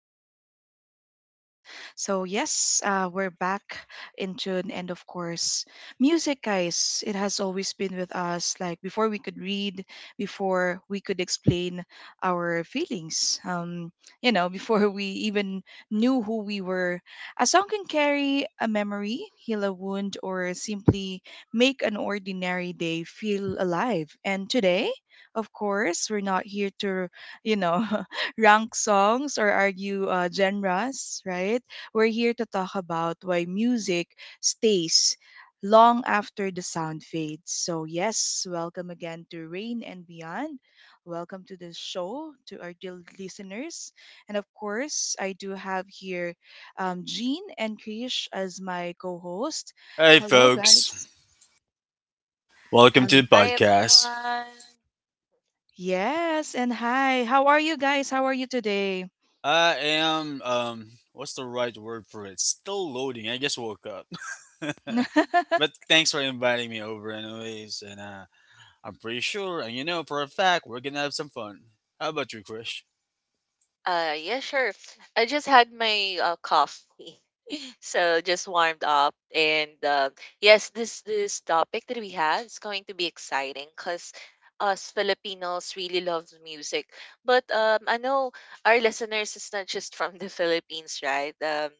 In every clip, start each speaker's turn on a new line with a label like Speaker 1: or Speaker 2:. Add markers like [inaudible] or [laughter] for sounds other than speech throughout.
Speaker 1: course to my co hosts. So, yes, we're back in June, and of course, music, guys, it has always been with us, like before we could read, before we could explain our feelings, [laughs] before we even knew who we were. A song can carry a memory, heal a wound, or simply make an ordinary day feel alive. And today, of course, we're not here to, you know, [laughs] rank songs or argue genres, right? We're here to talk about why music stays long after the sound fades. So, yes, welcome again to Rain and Beyond. Welcome to the show, to our dear listeners. And of course, I do have here Jean and Krish as my co host.
Speaker 2: Hey,
Speaker 1: Hello,
Speaker 2: folks.
Speaker 1: guys.
Speaker 2: Welcome to the
Speaker 1: Hello.
Speaker 3: Hi
Speaker 2: podcast.
Speaker 3: everyone.
Speaker 1: Yes, and hi. How are you guys? How are you today?
Speaker 2: I am, what's the right word for it? Still loading. I just woke up. [laughs] But
Speaker 1: [laughs]
Speaker 2: thanks for inviting me over, anyways. And I'm pretty sure, and you know for a fact, we're going to have some fun. How about you, Krish?
Speaker 3: Yeah, sure. I just had my coffee. [laughs] So just warmed up and yes, this topic that we have is going to be exciting cuz us Filipinos really love music. But I know our listeners is not just from the [laughs] Philippines, right?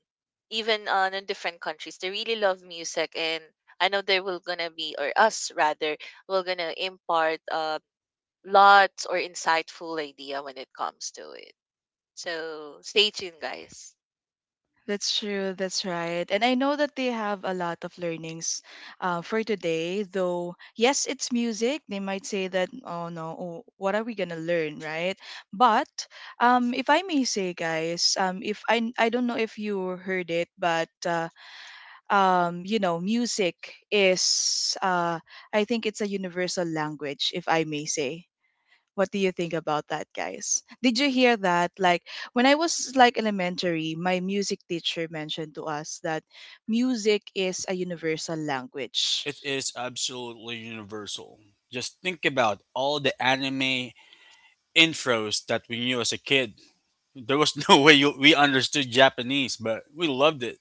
Speaker 3: Even on in different countries, they really love music, and I know they will gonna be, or us rather, we're gonna impart lots or insightful idea when it comes to it. So stay tuned, guys.
Speaker 1: That's true. That's right. And I know that they have a lot of learnings for today, though, yes, it's music. They might say that, oh no, oh, what are we going to learn, right? But if I may say, guys, if I don't know if you heard it, but, music is, I think it's a universal language, if I may say. What do you think about that, guys? Did you hear that? Like when I was like elementary, my music teacher mentioned to us that music is a universal language.
Speaker 2: It is absolutely universal. Just think about all the anime intros that we knew as a kid. There was [laughs] no way we understood Japanese, but we loved it.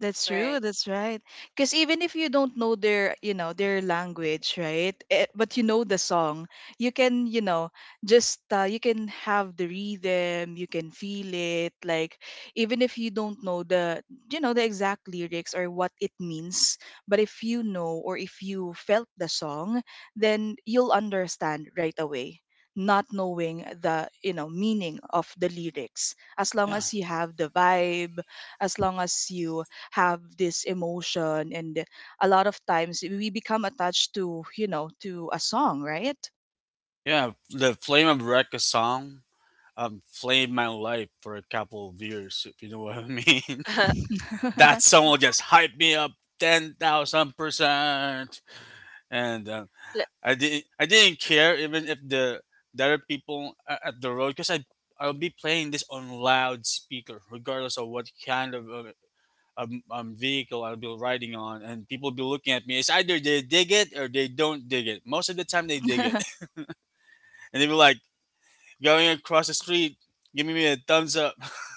Speaker 1: That's true.
Speaker 3: Right.
Speaker 1: That's right. Because even if you don't know their language, right? But you know the song, you can, just you can have the rhythm. You can feel it. Like even if you don't know the exact lyrics or what it means, but if you know or if you felt the song, then you'll understand right away. Not knowing the, meaning of the lyrics, as long
Speaker 2: Yeah.
Speaker 1: as you have the vibe, as long as you have this emotion and a lot of times we become attached to you know to a song, right?
Speaker 2: Yeah. The Flame of Recca song flamed my life for a couple of years, if you know what I mean. [laughs]
Speaker 3: [laughs]
Speaker 2: That song
Speaker 1: [laughs]
Speaker 2: will just hype me up 10,000%, and
Speaker 3: Le-
Speaker 2: I didn't care even if the other people at the road, because I'll be playing this on loudspeaker regardless of what kind of vehicle I'll be riding on, and people be looking at me. It's either they dig it or they don't dig it. Most of the time, they dig it, [laughs] and they be like going across the street, giving me a thumbs up. [laughs]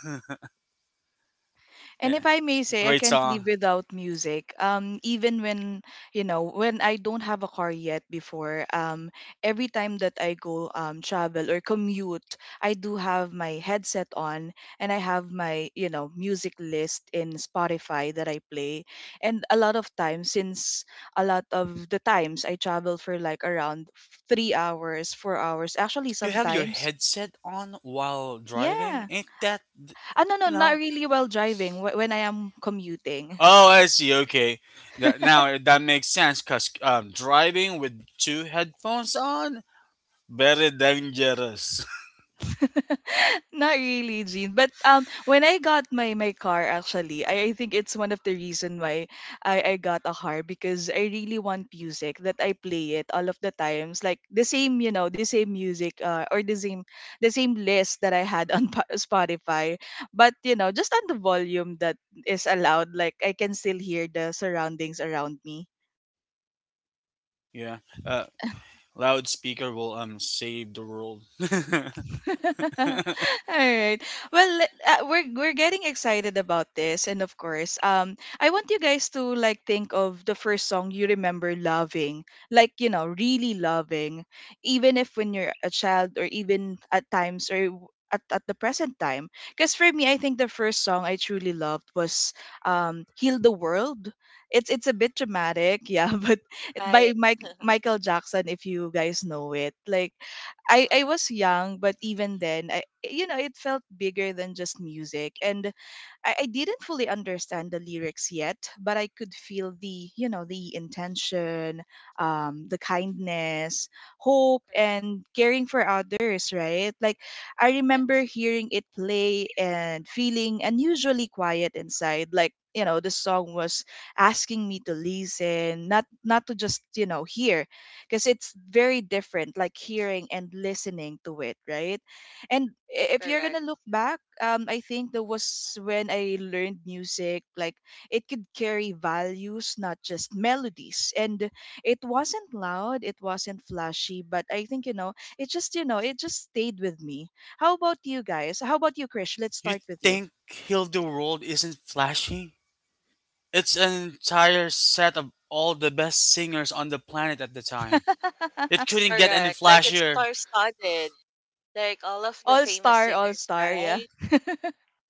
Speaker 1: And if
Speaker 2: Yeah,
Speaker 1: I may say, I
Speaker 2: great
Speaker 1: can't live
Speaker 2: song.
Speaker 1: without music. Even when you know when I don't have a car yet, before every time that I go travel or commute, I do have my headset on and I have my music list in Spotify that I play. And a lot of times, since a lot of the times I travel for like around 3 hours, 4 hours, actually
Speaker 2: You have your
Speaker 1: sometimes.
Speaker 2: headset on while driving?
Speaker 1: Yeah.
Speaker 2: Ain't that,
Speaker 1: No, no,
Speaker 2: you
Speaker 1: not
Speaker 2: know?
Speaker 1: really while driving. When I am commuting.
Speaker 2: Oh, I see. Okay.
Speaker 1: [laughs]
Speaker 2: That makes sense because driving with two headphones on, very dangerous.
Speaker 1: [laughs] Not really, Jean. But when I got my car, actually, I think it's one of the reason why I got a car because I really want music that I play it all of the times, like the same music, or the same list that I had [laughs] on Spotify, but just on the volume that is allowed, like I can still hear the surroundings around me.
Speaker 2: [laughs] Yeah. Uh, Loudspeaker will save the world. [laughs]
Speaker 1: [laughs] All right. Well, we're getting excited about this, and of course, I want you guys to like think of the first song you remember loving, like really loving, even if when you're a child, or even at times, or at the present time. Because for me, I think the first song I truly loved was "Heal the World." It's a bit dramatic, yeah, [laughs] but by
Speaker 3: right.
Speaker 1: Mike
Speaker 3: [laughs]
Speaker 1: Michael Jackson, if you guys know it, like I
Speaker 3: Mhm.
Speaker 1: was young, but even then, I you know it felt bigger than just music, and I didn't fully understand the lyrics yet, but I could feel the you know the intention, the kindness, hope,
Speaker 3: Correct.
Speaker 1: and caring for others. Right? Like I remember
Speaker 3: Yes.
Speaker 1: hearing it play and feeling unusually quiet inside, like. You know, the song was asking me to listen, not to just hear, because it's very different like hearing and listening to it, right? And if you're
Speaker 3: Correct.
Speaker 1: gonna look back, I think that was when I learned music, like it could carry values, not just melodies. And it wasn't loud, it wasn't flashy, but I think it just stayed with me. How about you guys? How about you, Krish? Let's
Speaker 2: You
Speaker 1: start with you.
Speaker 2: think Heal the World isn't flashy? It's an entire set of all the best singers on the planet at the time.
Speaker 1: [laughs]
Speaker 2: It couldn't get any
Speaker 3: Correct. Like it's
Speaker 2: flashier.
Speaker 3: star studded. Like all of the
Speaker 1: All
Speaker 3: famous
Speaker 1: star, all
Speaker 3: singers,
Speaker 1: star, yeah.
Speaker 3: right?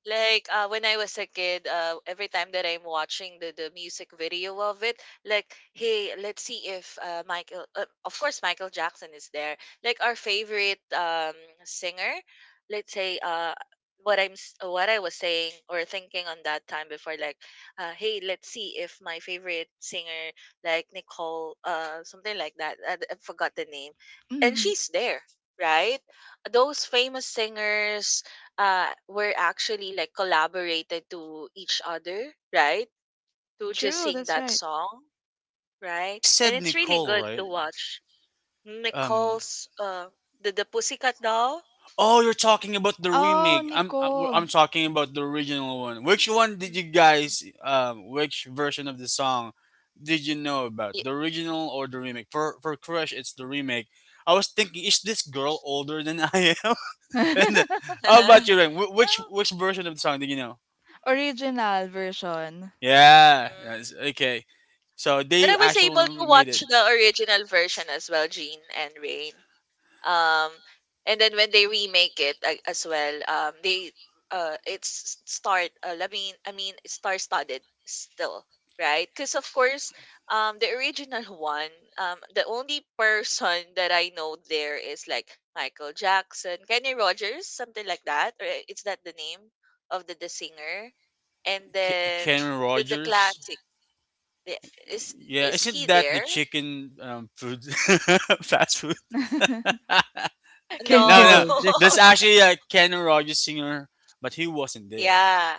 Speaker 3: Like, when I was a kid, every time that I'm watching the music video of it, like, hey, let's see if of course, Michael Jackson is there. Like our favorite singer, let's say, what I was saying or thinking on that time before, like, hey, let's see if my favorite singer, like Nicole, something like that. I forgot the name, and
Speaker 1: mm,
Speaker 3: she's there, right? Those famous singers were actually like collaborated to each other, right? To just
Speaker 1: True,
Speaker 3: sing
Speaker 1: that's
Speaker 3: that
Speaker 1: right.
Speaker 3: song, right?
Speaker 2: She
Speaker 3: And
Speaker 2: said
Speaker 3: it's really
Speaker 2: Nicole,
Speaker 3: good
Speaker 2: right?
Speaker 3: to watch.
Speaker 2: Um,
Speaker 3: Nicole's the Pussycat Doll.
Speaker 2: Oh, you're talking about the
Speaker 1: Oh,
Speaker 2: remake.
Speaker 1: Nicole.
Speaker 2: I'm talking about the original one. Which one did
Speaker 3: Mm,
Speaker 2: you guys which version of the song did you know about?
Speaker 3: yeah.
Speaker 2: The original or the remake? For Crush, it's the remake. I was thinking, is this girl older than I am? [laughs] and
Speaker 1: [laughs]
Speaker 2: how about you, Ren?
Speaker 3: [laughs] Well,
Speaker 2: Which version of the song did you know?
Speaker 1: Original version.
Speaker 2: Yeah.
Speaker 3: mm,
Speaker 2: Okay. So
Speaker 3: but I
Speaker 2: they
Speaker 3: was able
Speaker 2: actually
Speaker 3: to
Speaker 2: remade
Speaker 3: watch
Speaker 2: it.
Speaker 3: the original version as well, Jean and Rain. um and then when they remake it as well, they it's start I mean star-studded still, right? Because of course, the original [laughs] one, the only person [laughs] that I know there is, like, Michael Jackson, Kenny Rogers, something like that. Or is that the name of the singer? And
Speaker 2: K-
Speaker 3: then
Speaker 2: Kenny
Speaker 3: the
Speaker 2: Rogers.
Speaker 3: classic, the- is
Speaker 2: Yeah, isn't
Speaker 3: he
Speaker 2: that the
Speaker 3: there?
Speaker 2: chicken food [laughs] fast food?
Speaker 1: [laughs] Kenny
Speaker 2: No,
Speaker 3: No.
Speaker 2: no,
Speaker 1: Rogers.
Speaker 2: that's actually a Ken Rogers singer, but he wasn't
Speaker 3: [laughs]
Speaker 2: there.
Speaker 3: Yeah.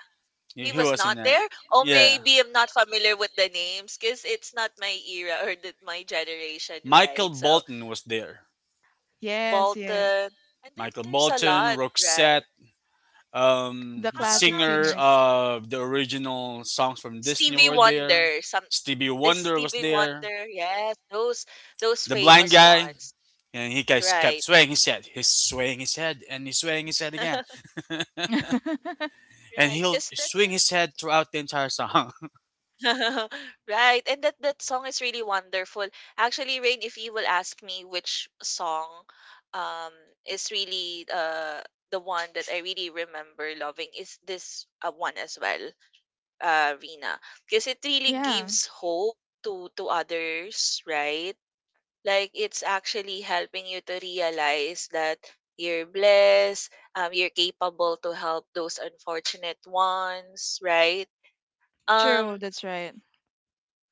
Speaker 3: He
Speaker 2: He
Speaker 3: was not
Speaker 2: wasn't at.
Speaker 3: there? Or
Speaker 2: Yeah,
Speaker 3: maybe I'm not familiar with the names because it's not my era or my generation,
Speaker 2: Michael
Speaker 3: right? So,
Speaker 2: Bolton was there.
Speaker 1: [laughs] Yes, yes.
Speaker 3: Bolton. And then
Speaker 2: Michael
Speaker 3: there's a
Speaker 2: Bolton,
Speaker 3: lot, right?
Speaker 2: Roxette,
Speaker 1: The
Speaker 2: the
Speaker 3: How about
Speaker 1: classic
Speaker 2: singer
Speaker 1: singers.
Speaker 2: of the original songs from Disney
Speaker 3: Stevie
Speaker 2: were there.
Speaker 3: Wonder? Some
Speaker 2: Stevie
Speaker 3: is
Speaker 2: Wonder was
Speaker 3: Stevie
Speaker 2: there.
Speaker 3: Wonder, yes, those
Speaker 2: The blind
Speaker 3: famous
Speaker 2: guy,
Speaker 3: ones.
Speaker 2: and he guys kept
Speaker 3: Right.
Speaker 2: swaying his head. He's swaying his head and he's swaying his head again.
Speaker 3: [laughs]
Speaker 1: [laughs]
Speaker 2: And
Speaker 3: Right.
Speaker 2: he'll
Speaker 3: Because that,
Speaker 2: swing
Speaker 3: that
Speaker 2: his head throughout the entire song.
Speaker 3: [laughs] Right. And that song is really wonderful. Actually, Rain, if you will ask me which song um is really the one that I really remember loving is this one as well, Rina, because it really
Speaker 1: Yeah,
Speaker 3: gives hope to others, right? Like it's actually helping you to realize that you're blessed, you're capable to help those unfortunate ones, right? Um
Speaker 1: true. That's right.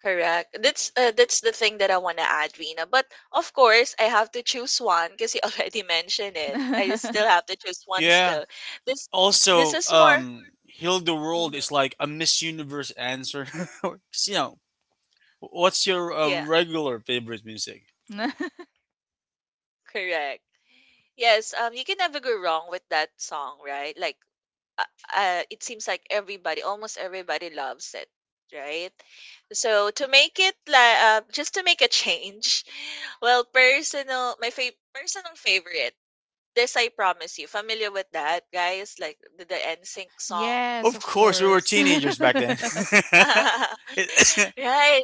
Speaker 3: Correct. That's the thing that I want to add, Rina. But of course, I have to choose one because you [laughs] already mentioned it. I just still
Speaker 1: [laughs]
Speaker 3: have to choose
Speaker 2: [laughs]
Speaker 3: one
Speaker 2: Yeah.
Speaker 3: still. This this
Speaker 2: Also,
Speaker 3: is more
Speaker 2: Heal the World
Speaker 3: hmm
Speaker 2: is like a Miss Universe answer. [laughs] you know, what's your
Speaker 3: yeah,
Speaker 2: regular favorite music?
Speaker 3: correct. Yes, you can never go wrong with that song, right? Like uh, it seems like everybody, almost everybody loves it, right? So to make it like just to make a [laughs] change, well, personal favorite This I Promise You. Familiar with that, guys? Like the N sync song.
Speaker 1: Yes,
Speaker 2: Of
Speaker 1: of
Speaker 2: course, we were
Speaker 1: course.
Speaker 2: teenagers back then. [laughs]
Speaker 3: [laughs]
Speaker 2: it,
Speaker 3: Right.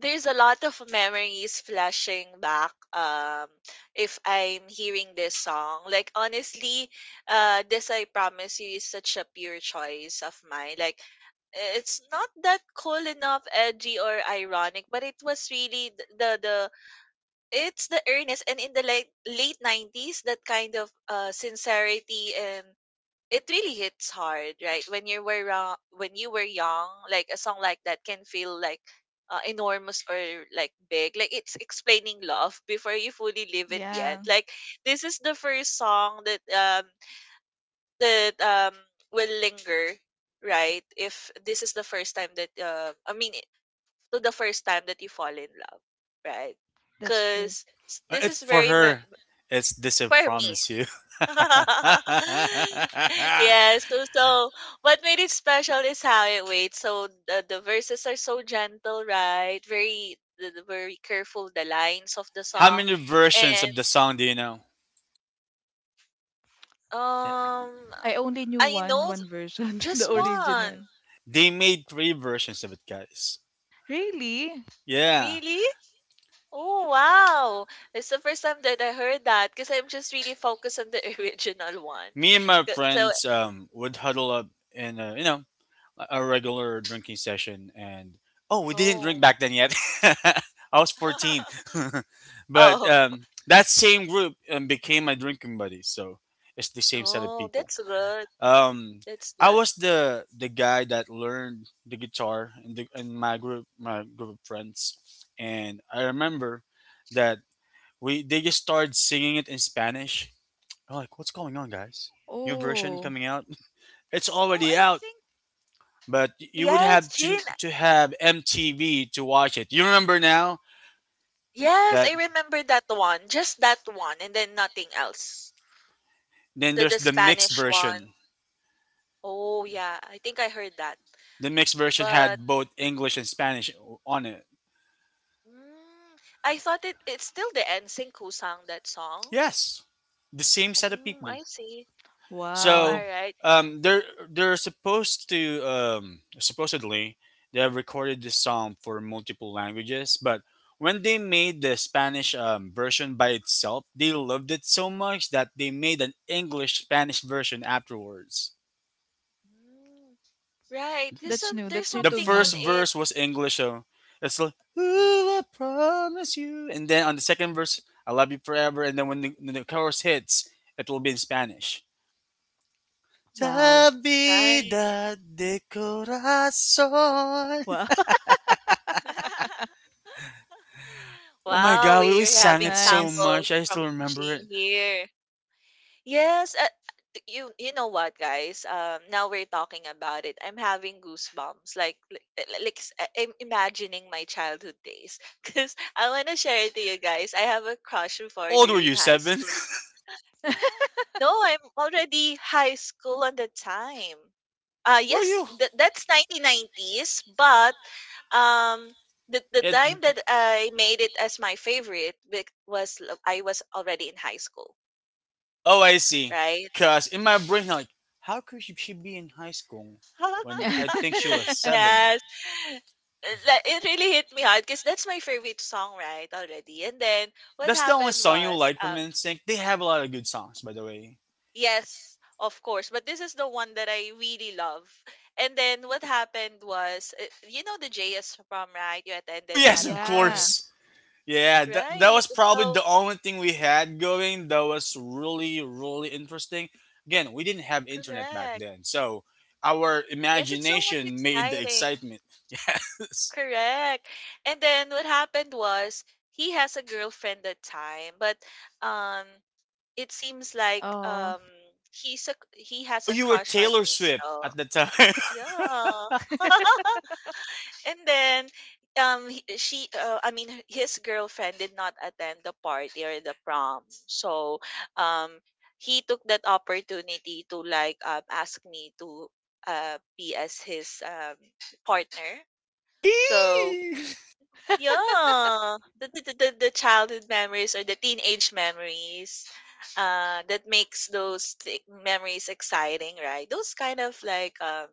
Speaker 3: There's a lot of memories flashing back if I'm hearing this song. Like honestly, This I Promise You is such a pure choice of mine. Like it's not that cool enough, edgy or ironic, but it was really th- the it's the earnest, and in the late nineties that kind of sincerity, and it really hits hard, right? When you were wrong, when you were young, like a song like that can feel like enormous or like big. Like it's explaining love before you fully
Speaker 1: [laughs]
Speaker 3: live it yet.
Speaker 1: Yeah,
Speaker 3: Like this is the first song that will linger, right? If this is the first time that to the first time that you fall in love, right?
Speaker 1: that's true.
Speaker 3: Because
Speaker 2: [coughs]
Speaker 3: this is
Speaker 2: for
Speaker 3: very
Speaker 2: her, it's This I
Speaker 3: for me.
Speaker 2: Promise You.
Speaker 3: [laughs] Yes,
Speaker 2: [laughs]
Speaker 3: so what made it special is how it waits. So the verses are so gentle, right? Very the very careful the lines of the
Speaker 2: How
Speaker 3: song,
Speaker 2: many versions
Speaker 3: and
Speaker 2: of the song do you know? Yeah.
Speaker 3: um,
Speaker 1: I only knew
Speaker 3: I
Speaker 1: one
Speaker 3: know
Speaker 1: one version, [laughs]
Speaker 3: just
Speaker 1: the
Speaker 3: one.
Speaker 1: original.
Speaker 2: They made three versions of it, guys.
Speaker 1: Really?
Speaker 2: Yeah,
Speaker 3: Really? Oh wow! It's the first time that I heard that because I'm just really focused on the [laughs] original one.
Speaker 2: me and my
Speaker 3: So,
Speaker 2: friends would huddle up in a, you know, a regular
Speaker 3: mm,
Speaker 2: drinking session, and oh, we didn't drink
Speaker 3: oh,
Speaker 2: back then yet. [laughs] I was 14, [laughs]
Speaker 3: [laughs]
Speaker 2: but
Speaker 3: oh,
Speaker 2: that same group became my drinking buddy. So it's the same set of
Speaker 3: oh,
Speaker 2: people.
Speaker 3: that's good.
Speaker 2: Um,
Speaker 3: That's
Speaker 2: I
Speaker 3: good.
Speaker 2: was the guy that learned the guitar in the in my group of friends, and I remember that. We They just started singing it in Spanish. I'm like, what's going on, guys? New version
Speaker 1: Oh,
Speaker 2: coming out? [laughs] It's
Speaker 3: Oh,
Speaker 2: already
Speaker 3: I
Speaker 2: out,
Speaker 3: think
Speaker 2: but you would
Speaker 3: yes,
Speaker 2: have
Speaker 3: Jane.
Speaker 2: to have MTV to watch it. You remember now
Speaker 3: Yes,
Speaker 2: that
Speaker 3: I remember that one. Just that one and then nothing else.
Speaker 2: then
Speaker 3: The
Speaker 2: there's
Speaker 3: the
Speaker 2: the mixed
Speaker 3: Spanish one.
Speaker 2: version.
Speaker 3: Oh yeah, I think I heard that.
Speaker 2: The mixed version
Speaker 3: But
Speaker 2: had both English and Spanish on it.
Speaker 3: mm, I thought it's still the NSYNC who sang that song.
Speaker 2: Yes, the same set of
Speaker 3: Mm,
Speaker 2: people.
Speaker 3: I see. Oh, all
Speaker 1: wow.
Speaker 2: So
Speaker 3: right.
Speaker 2: um, they're they're supposed to supposedly they have recorded this song for multiple languages, but when they made the Spanish version by itself, they loved it so much that they made an English Spanish version afterwards.
Speaker 3: Mm, right.
Speaker 1: That's new.
Speaker 3: There's
Speaker 1: That's new
Speaker 2: The
Speaker 1: to
Speaker 3: something on
Speaker 2: first
Speaker 1: me.
Speaker 3: it.
Speaker 2: verse was English, so it's like
Speaker 3: Mhm.
Speaker 2: "Ooh, I promise you," and then on the second verse, "I love you forever," and then when the chorus hits, it will be in Spanish.
Speaker 1: Wow.
Speaker 3: Right.
Speaker 2: Vida de corazón.
Speaker 1: Wow.
Speaker 3: [laughs]
Speaker 2: Oh my
Speaker 3: Wow,
Speaker 2: god, we
Speaker 3: we're
Speaker 1: [laughs]
Speaker 2: sang
Speaker 3: having
Speaker 2: it so
Speaker 1: Nice.
Speaker 3: sample
Speaker 2: much. I still
Speaker 3: from
Speaker 2: remember it.
Speaker 3: Jean here. Yes, you know what, guys. Now we're talking about it, I'm having goosebumps, like I'm imagining my childhood days, [laughs] because I want to share it to you guys. I have a crush
Speaker 2: How
Speaker 3: before
Speaker 2: old were
Speaker 3: during
Speaker 2: you?
Speaker 3: high
Speaker 2: Seven?
Speaker 3: school. Yeah. No, I'm already high school on the time.
Speaker 2: [laughs] Were
Speaker 3: Yes,
Speaker 2: you?
Speaker 3: that's 1990s. But um the
Speaker 2: It,
Speaker 3: time that I made it as my favorite I was already in high school,
Speaker 2: oh, I see.
Speaker 3: right.
Speaker 2: Cause in my
Speaker 3: Mm-hmm.
Speaker 2: brain, like, how could she be in high school when I
Speaker 3: [laughs]
Speaker 2: think she
Speaker 1: [laughs]
Speaker 2: was seven?
Speaker 3: Yes. Uh, like, it really hit me hard because that's my favorite song, right? Already. And then what
Speaker 2: That's the only
Speaker 3: happened
Speaker 2: song you
Speaker 3: was,
Speaker 2: like from NSYNC. They have a lot of good songs, by the way.
Speaker 3: yes, of course, but this is the one that I really love. And then what happened was, the JS prom, right? You
Speaker 2: Oh
Speaker 3: attended
Speaker 2: yes,
Speaker 3: that,
Speaker 2: of
Speaker 3: of
Speaker 1: Yeah.
Speaker 3: course.
Speaker 2: course. Yeah, that
Speaker 3: Right.
Speaker 2: was probably
Speaker 3: So,
Speaker 2: the only thing we had going that was really, really interesting. Again, we didn't have internet back
Speaker 3: correct.
Speaker 2: then, so our
Speaker 3: Yes, it's so much
Speaker 2: imagination made the
Speaker 3: exciting.
Speaker 2: excitement. [laughs] Yes.
Speaker 3: Correct. And then what happened was, he has a girlfriend that time, but um it seems like
Speaker 1: Oh.
Speaker 3: he has
Speaker 2: Oh,
Speaker 3: a
Speaker 2: you were
Speaker 3: crush on
Speaker 2: Taylor
Speaker 3: me
Speaker 2: Swift
Speaker 3: still.
Speaker 2: at the time.
Speaker 3: Yeah. [laughs] And then she, I mean, his girlfriend did not attend the party or the prom. So um he took that opportunity to like ask me to be as his partner.
Speaker 2: [laughs]
Speaker 3: So
Speaker 2: Eee!
Speaker 3: yeah, the childhood memories or the teenage memories, that makes those memories exciting, right? Those kind of like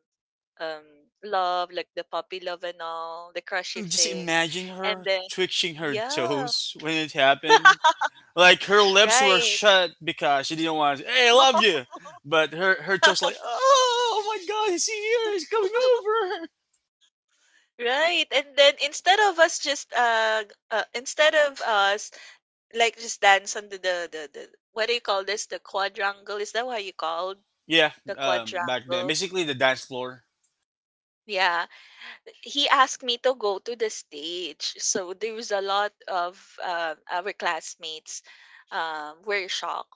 Speaker 3: um love, like the puppy love and all, the
Speaker 2: Can
Speaker 3: crushy
Speaker 2: you just
Speaker 3: things,
Speaker 2: imagine
Speaker 3: and
Speaker 2: her
Speaker 3: then
Speaker 2: twitching her
Speaker 3: yeah,
Speaker 2: toes when it happened? Like her lips were
Speaker 3: right,
Speaker 2: shut because she didn't want to say, hey, I love you, but her toes like,
Speaker 3: [laughs]
Speaker 2: oh my god, he's here, he's coming over.
Speaker 3: right, and then instead of us just g- instead of us like just dance on the what do you call this? The quadrangle? Is that what you called
Speaker 2: Yeah,
Speaker 3: the
Speaker 2: back then,
Speaker 3: quadrangle?
Speaker 2: basically the dance floor.
Speaker 3: Yeah, he asked me to go to the stage. So there was a lot of our classmates were shocked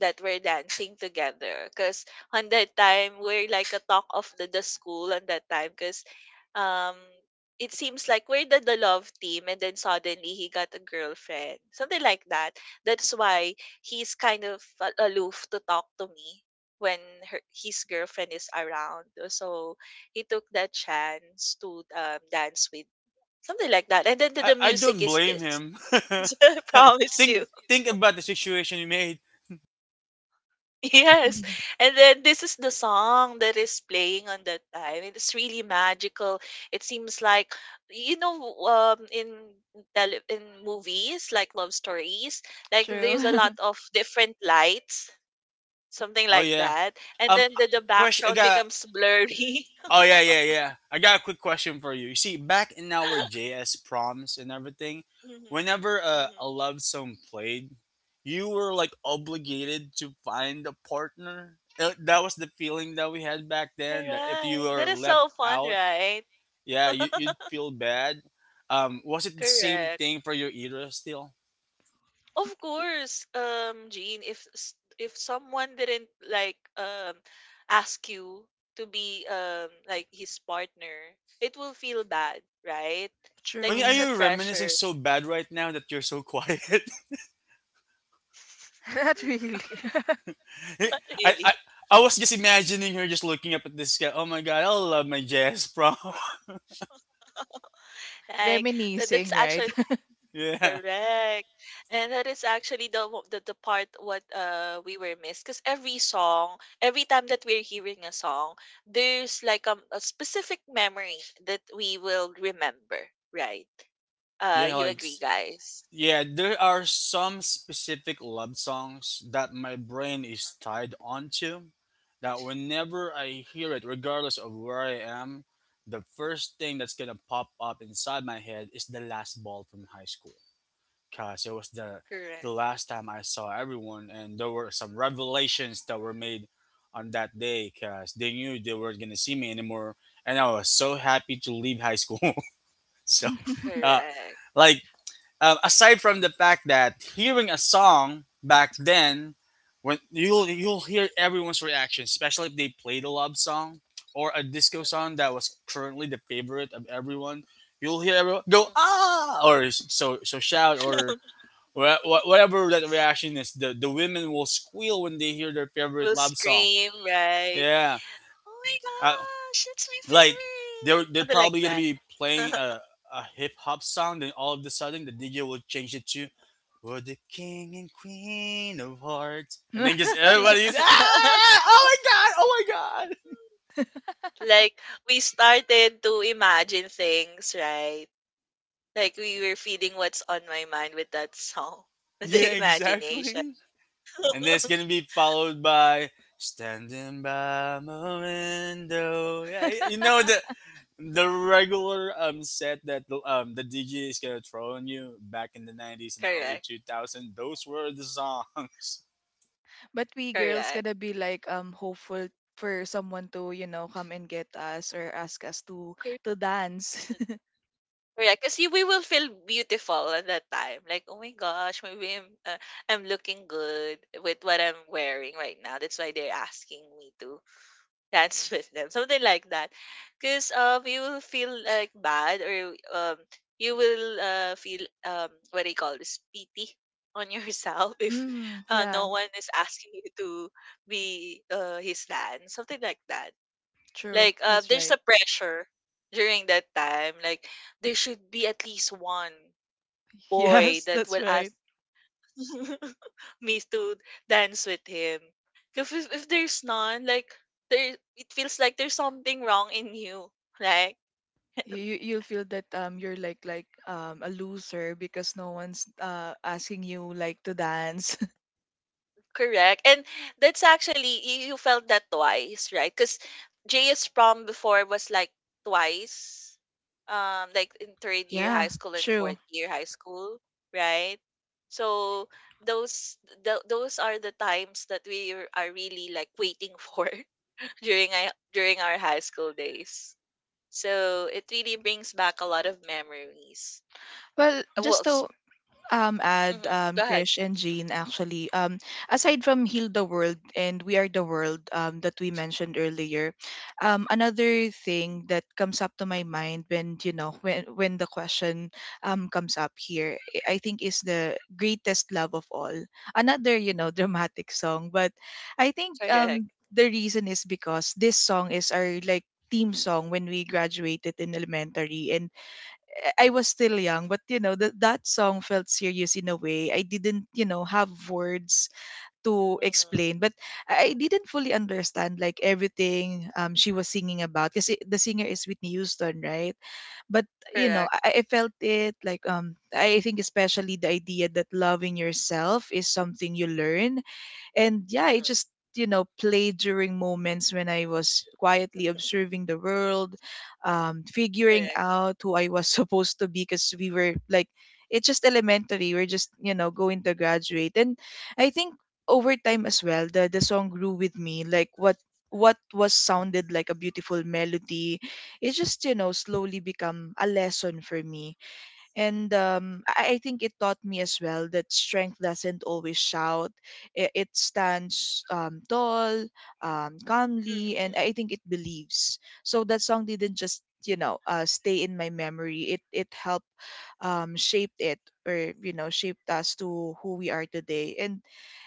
Speaker 3: that we're dancing together. Because on that time, we're like a talk of the school on that time. Because um, it seems like we're the love team, and then suddenly he got a girlfriend. Something like that. That's why he's kind of aloof to talk to me when his girlfriend is around. So he took that chance to dance with, something like that. And then the, the
Speaker 2: I
Speaker 3: music
Speaker 2: don't
Speaker 3: is
Speaker 2: blame
Speaker 3: this.
Speaker 2: him.
Speaker 3: [laughs]
Speaker 2: [laughs]
Speaker 3: So I promise you. [laughs]
Speaker 2: Think about the situation you made.
Speaker 3: Yes.
Speaker 1: [laughs]
Speaker 3: And then this is the song that is playing on that time, and it's really magical. It seems like you know in in movies like love stories, like there's a
Speaker 1: True. [laughs]
Speaker 3: lot of different lights, something
Speaker 2: Oh
Speaker 3: like
Speaker 2: yeah.
Speaker 3: that. And
Speaker 2: Um,
Speaker 3: then the
Speaker 2: question. I
Speaker 3: background
Speaker 2: got.
Speaker 3: becomes blurry.
Speaker 2: Oh yeah. I got a quick question for you. You see, back in our
Speaker 3: [laughs]
Speaker 2: JS proms and everything,
Speaker 3: Mm-hmm.
Speaker 2: whenever a love song played, you were like obligated to find a partner. That was the feeling that we had back then. That if you
Speaker 3: Correct. That
Speaker 2: were
Speaker 3: is
Speaker 2: left
Speaker 3: so fun,
Speaker 2: out.
Speaker 3: right?
Speaker 2: Yeah, you, you'd
Speaker 3: [laughs]
Speaker 2: feel bad. Was it the same
Speaker 3: Correct.
Speaker 2: thing for your era still?
Speaker 3: Of course, Jean, if if someone didn't like ask you to be like his partner, it will feel bad, right? Like
Speaker 2: Rain, are
Speaker 3: it's
Speaker 1: True.
Speaker 3: a
Speaker 2: you reminiscing
Speaker 3: pressure,
Speaker 2: so bad right now that you're so quiet?
Speaker 1: [laughs] Not
Speaker 3: [laughs]
Speaker 1: really. [laughs]
Speaker 2: [laughs] I,
Speaker 3: really.
Speaker 2: I, I was just imagining her just looking up at this guy. Oh my god, I love my jazz prom. [laughs]
Speaker 3: Like that's
Speaker 1: Reminiscing, right?
Speaker 3: actually.
Speaker 2: Yeah.
Speaker 3: Correct. And that is actually the part what we were missed because every song, every time that we're hearing a song, there's like a specific memory that we will remember, right?
Speaker 2: Yeah,
Speaker 3: You
Speaker 2: like
Speaker 3: agree, guys?
Speaker 2: Yeah, there are some specific love songs that my brain
Speaker 3: Mhm,
Speaker 2: is
Speaker 3: mhm.
Speaker 2: tied onto. That whenever I hear it, regardless of where I am, the first thing that's gonna pop up inside my head is the last ball from high school. Cause it was the
Speaker 3: Correct.
Speaker 2: last time I saw everyone, and there were some revelations that were made on that day. Cause they knew they weren't gonna see me anymore, and I was so happy to leave high school. [laughs] So,
Speaker 1: [laughs]
Speaker 2: uh,
Speaker 3: Correct.
Speaker 2: like aside from the fact that hearing a song back then, when
Speaker 3: Mhm,
Speaker 2: you'll hear everyone's reaction, especially if they played a love song or a disco
Speaker 3: mhm,
Speaker 2: song that was currently the favorite of everyone, you'll hear everyone go
Speaker 3: mhm.
Speaker 2: ah or so shout or
Speaker 3: [laughs]
Speaker 2: whatever that reaction is. The women will squeal when they hear their favorite
Speaker 3: Will
Speaker 2: love song.
Speaker 3: scream, right?
Speaker 2: Yeah,
Speaker 3: Oh my
Speaker 2: uh,
Speaker 3: gosh, it's my
Speaker 2: like
Speaker 3: favorite.
Speaker 2: they're
Speaker 3: Something like
Speaker 2: probably gonna
Speaker 3: that.
Speaker 2: be playing a hip hop song, then all of a sudden the DJ will change it to for the king and queen of hearts. And then just everybody's,
Speaker 3: [laughs]
Speaker 2: ah, oh my god, oh my god. [laughs]
Speaker 3: Like we started to imagine things, right? Like we were feeding what's on my mind with that song. [laughs]
Speaker 2: Yeah,
Speaker 3: The imagination.
Speaker 2: exactly. And then
Speaker 3: [laughs]
Speaker 2: it's going to be followed by standing by my window. Yeah, you know the the regular set that the DJ is going to throw on you back in the 90s and
Speaker 3: Correct.
Speaker 2: early 2000s. Those were the songs.
Speaker 1: But we girls
Speaker 3: Correct.
Speaker 1: gotta be like hopeful for someone to come and get us or ask us to
Speaker 3: Cor-
Speaker 1: to dance. [laughs]
Speaker 3: Correct. Because we will feel beautiful at that time. Like, oh my gosh, maybe I'm, I'm looking good with what I'm wearing right now. That's why they're asking me to dance [laughs] with them, something like that, because you will feel like bad or you will feel what do you call this, pity on yourself, [laughs] if
Speaker 1: Mm, yeah,
Speaker 3: no one is asking you to be his dad, something like that.
Speaker 1: true.
Speaker 3: Like
Speaker 1: That's
Speaker 3: there's
Speaker 1: right.
Speaker 3: a pressure during that time, like there should be at least one
Speaker 1: [laughs]
Speaker 3: boy
Speaker 1: Yes,
Speaker 3: that
Speaker 1: that's
Speaker 3: will
Speaker 1: right.
Speaker 3: ask [laughs] me to dance with him. If there's none, like there, it feels like there's something wrong in you, right?
Speaker 1: You'll feel that you're like a loser because no one's asking you like to dance.
Speaker 3: Correct. And that's actually you felt that twice, right? Because JS prom before was like twice, like in
Speaker 1: [laughs]
Speaker 3: third year
Speaker 1: Yeah,
Speaker 3: high school and fourth
Speaker 1: true.
Speaker 3: year high school, right? So those those are the times that we are really like waiting for [laughs] during I during our high school days. So it really brings back a lot of memories.
Speaker 1: Well,
Speaker 3: Uh, Well,
Speaker 1: just
Speaker 3: s-
Speaker 1: to add
Speaker 3: mhm, Go ahead.
Speaker 1: Krish and Jean, actually aside from "Heal the World" and "We Are the World" that we mentioned earlier, another thing that comes up to my mind when you know when the question comes up here, I think is "The Greatest Love of All", another, [laughs]
Speaker 3: Mhm.
Speaker 1: dramatic song, but I think
Speaker 3: Correct.
Speaker 1: the reason is because this song is our, like, theme song when we graduated in elementary, and I was still young, but you know that that song felt serious in a way. I didn't, have words to
Speaker 3: Hmm.
Speaker 1: explain, but I didn't fully understand like everything she was singing about because the singer is Whitney Houston, right? But
Speaker 3: Correct.
Speaker 1: I felt it, like, I think especially the idea that loving yourself is something you learn. And yeah, I
Speaker 3: Hmm.
Speaker 1: just, played during moments when I was quietly observing the world, figuring
Speaker 3: Correct.
Speaker 1: out who I was [laughs] supposed to be because we were like, it's just elementary. We're just, going to graduate. And I think over time as well, the song grew with me. Like what was sounded like a beautiful melody, it just slowly become a lesson for me. And I think it taught me as well that strength doesn't always shout. It stands tall, calmly, and
Speaker 3: Hmm.
Speaker 1: I think it believes. So that song didn't just stay in my memory. It helped shaped it, or shaped us to who we are today. And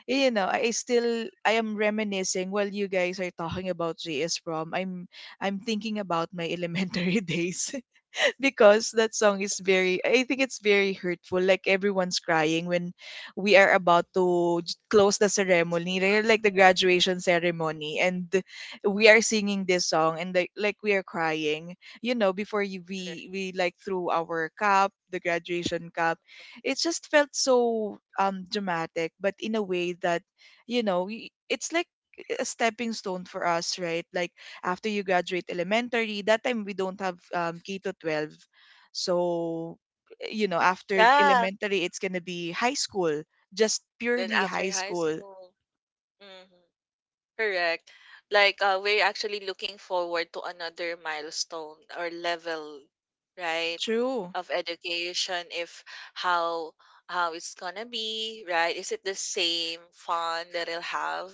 Speaker 1: I am reminiscing while you guys are talking about JS prom. I'm thinking about my elementary [laughs] days. [laughs] Because that song is very, I think it's very hurtful. Like everyone's crying when we are about to close the ceremony, right, like the graduation ceremony, and we are singing this song, and, like we are crying. You know, before you,
Speaker 3: Correct.
Speaker 1: we like threw our cup, the graduation cup. It just felt so dramatic, but in a way that it's like a stepping stone for us, right? Like after you graduate elementary, that time we don't have K to 12, so after
Speaker 3: Yeah.
Speaker 1: elementary it's going to be high school, just
Speaker 3: Then
Speaker 1: purely high
Speaker 3: after high
Speaker 1: school.
Speaker 3: school. Hmm. Correct. Like we're actually looking forward to another milestone or level, right,
Speaker 1: True.
Speaker 3: of education. If how it's gonna be, right? Is it the same fun that I'll have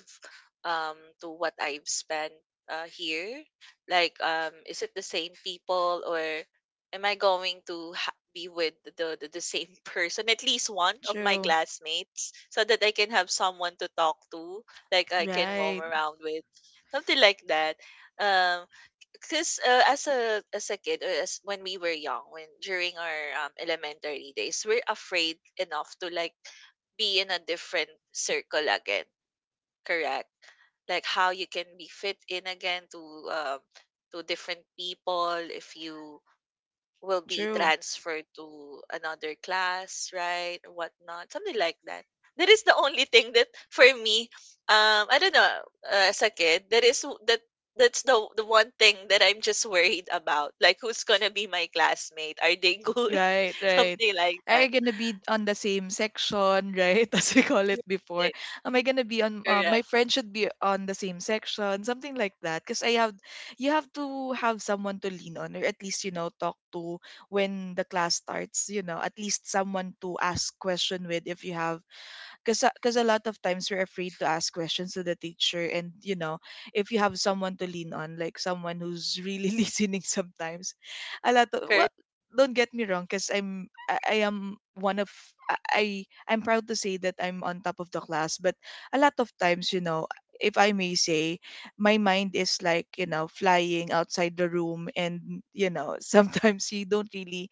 Speaker 3: to what I've spent here? Like, is it the same people or am I going to be with the, the same [laughs] person, at least one of my
Speaker 1: True.
Speaker 3: classmates, so that I can have someone to talk to? Like I can roam
Speaker 1: Right.
Speaker 3: around with, something like that. Um, because as a kid or as when we were young, when during our elementary days, we're afraid enough to like be in a different circle again. Correct. Like how you can be fit in again um to different people if you will be
Speaker 1: True.
Speaker 3: transferred to another class, right? Or whatnot, something like that. That is the only thing that for me, I don't know, as a kid, that is that that's the one thing that I'm just worried about. Like, who's gonna be my classmate? Are they good?
Speaker 1: Right,
Speaker 3: [laughs]
Speaker 1: right.
Speaker 3: Something like
Speaker 1: Are
Speaker 3: that.
Speaker 1: you gonna be on the same section, right? [laughs] As we call it
Speaker 3: Right.
Speaker 1: before. Am I gonna be on? Uh,
Speaker 3: Correct.
Speaker 1: my friend should be on the same section, something like that. Because, you have to have someone to lean on, or at least talk to when the class starts. You know, at least someone to ask question with if you have because a lot of times we're afraid to ask questions to the teacher, and you know if you have someone to lean on, like someone who's really [laughs] listening sometimes a lot of well,
Speaker 3: Correct.
Speaker 1: don't get me wrong, because I am one of i I- I'm proud to say that I'm on top of the class. But a lot of times, you know, if I may say, my mind is like, you know, flying outside the room, and you know, [laughs] sometimes you don't really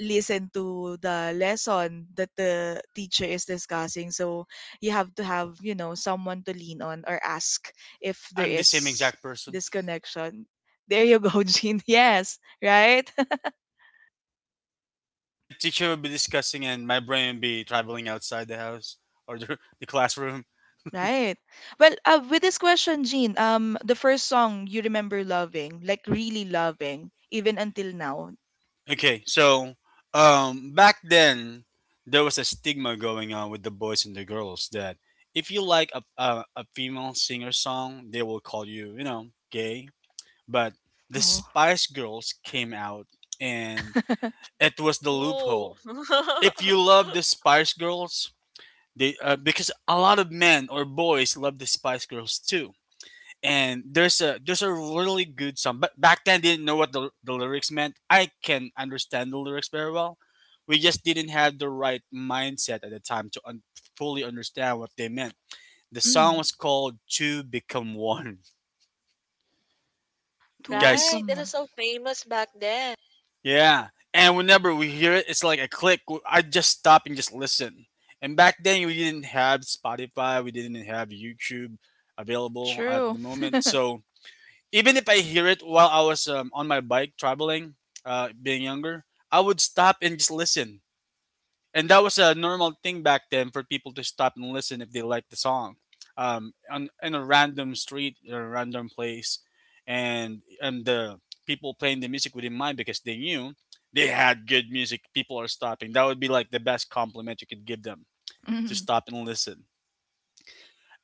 Speaker 1: listen to the lesson that the teacher is discussing. So you have to have, you know, someone to lean on or ask if
Speaker 2: [laughs]
Speaker 1: there
Speaker 2: I'm the same
Speaker 1: is
Speaker 2: exact person.
Speaker 1: disconnection. [laughs] There you go. [laughs] Jean, yes, right.
Speaker 2: My teacher will be discussing and my brain will be traveling outside the house or the classroom.
Speaker 1: [laughs] Right. Well, with this question, Jean, the first song you remember loving, like really loving, even until now.
Speaker 2: Okay, so back then there was a stigma going on with the boys and the girls that if you like a female singer song, they will call you, you know, gay. But the
Speaker 1: Oh.
Speaker 2: Spice Girls came out and
Speaker 1: [laughs]
Speaker 2: it was the
Speaker 3: Ooh.
Speaker 2: loophole. If
Speaker 3: [laughs]
Speaker 2: you love the Spice Girls, they because a lot of men or boys love the Spice Girls too, and there's a really good song. But back then, didn't know what the lyrics meant. I can understand the lyrics very well. We just didn't have the right mindset at the time to fully understand what they meant. The song
Speaker 1: Mm,
Speaker 2: was called Two Become One. [laughs] You
Speaker 1: to
Speaker 2: guys,
Speaker 3: Right.
Speaker 1: become
Speaker 3: That is
Speaker 1: one.
Speaker 3: so famous back then.
Speaker 2: yeah. And whenever we hear it, it's like a click. I just stop and just listen. And back then, we didn't have Spotify, we didn't have YouTube available at
Speaker 1: True.
Speaker 2: the moment. So even if I hear it while I was on my bike traveling, being younger, I would stop and just listen. And that was a normal thing back then for people to stop and listen if they liked the song, on in a random street or a random place, and the people playing the music wouldn't mind because they knew they had good music. People are stopping. That would be like the best compliment you could give them, to stop and listen.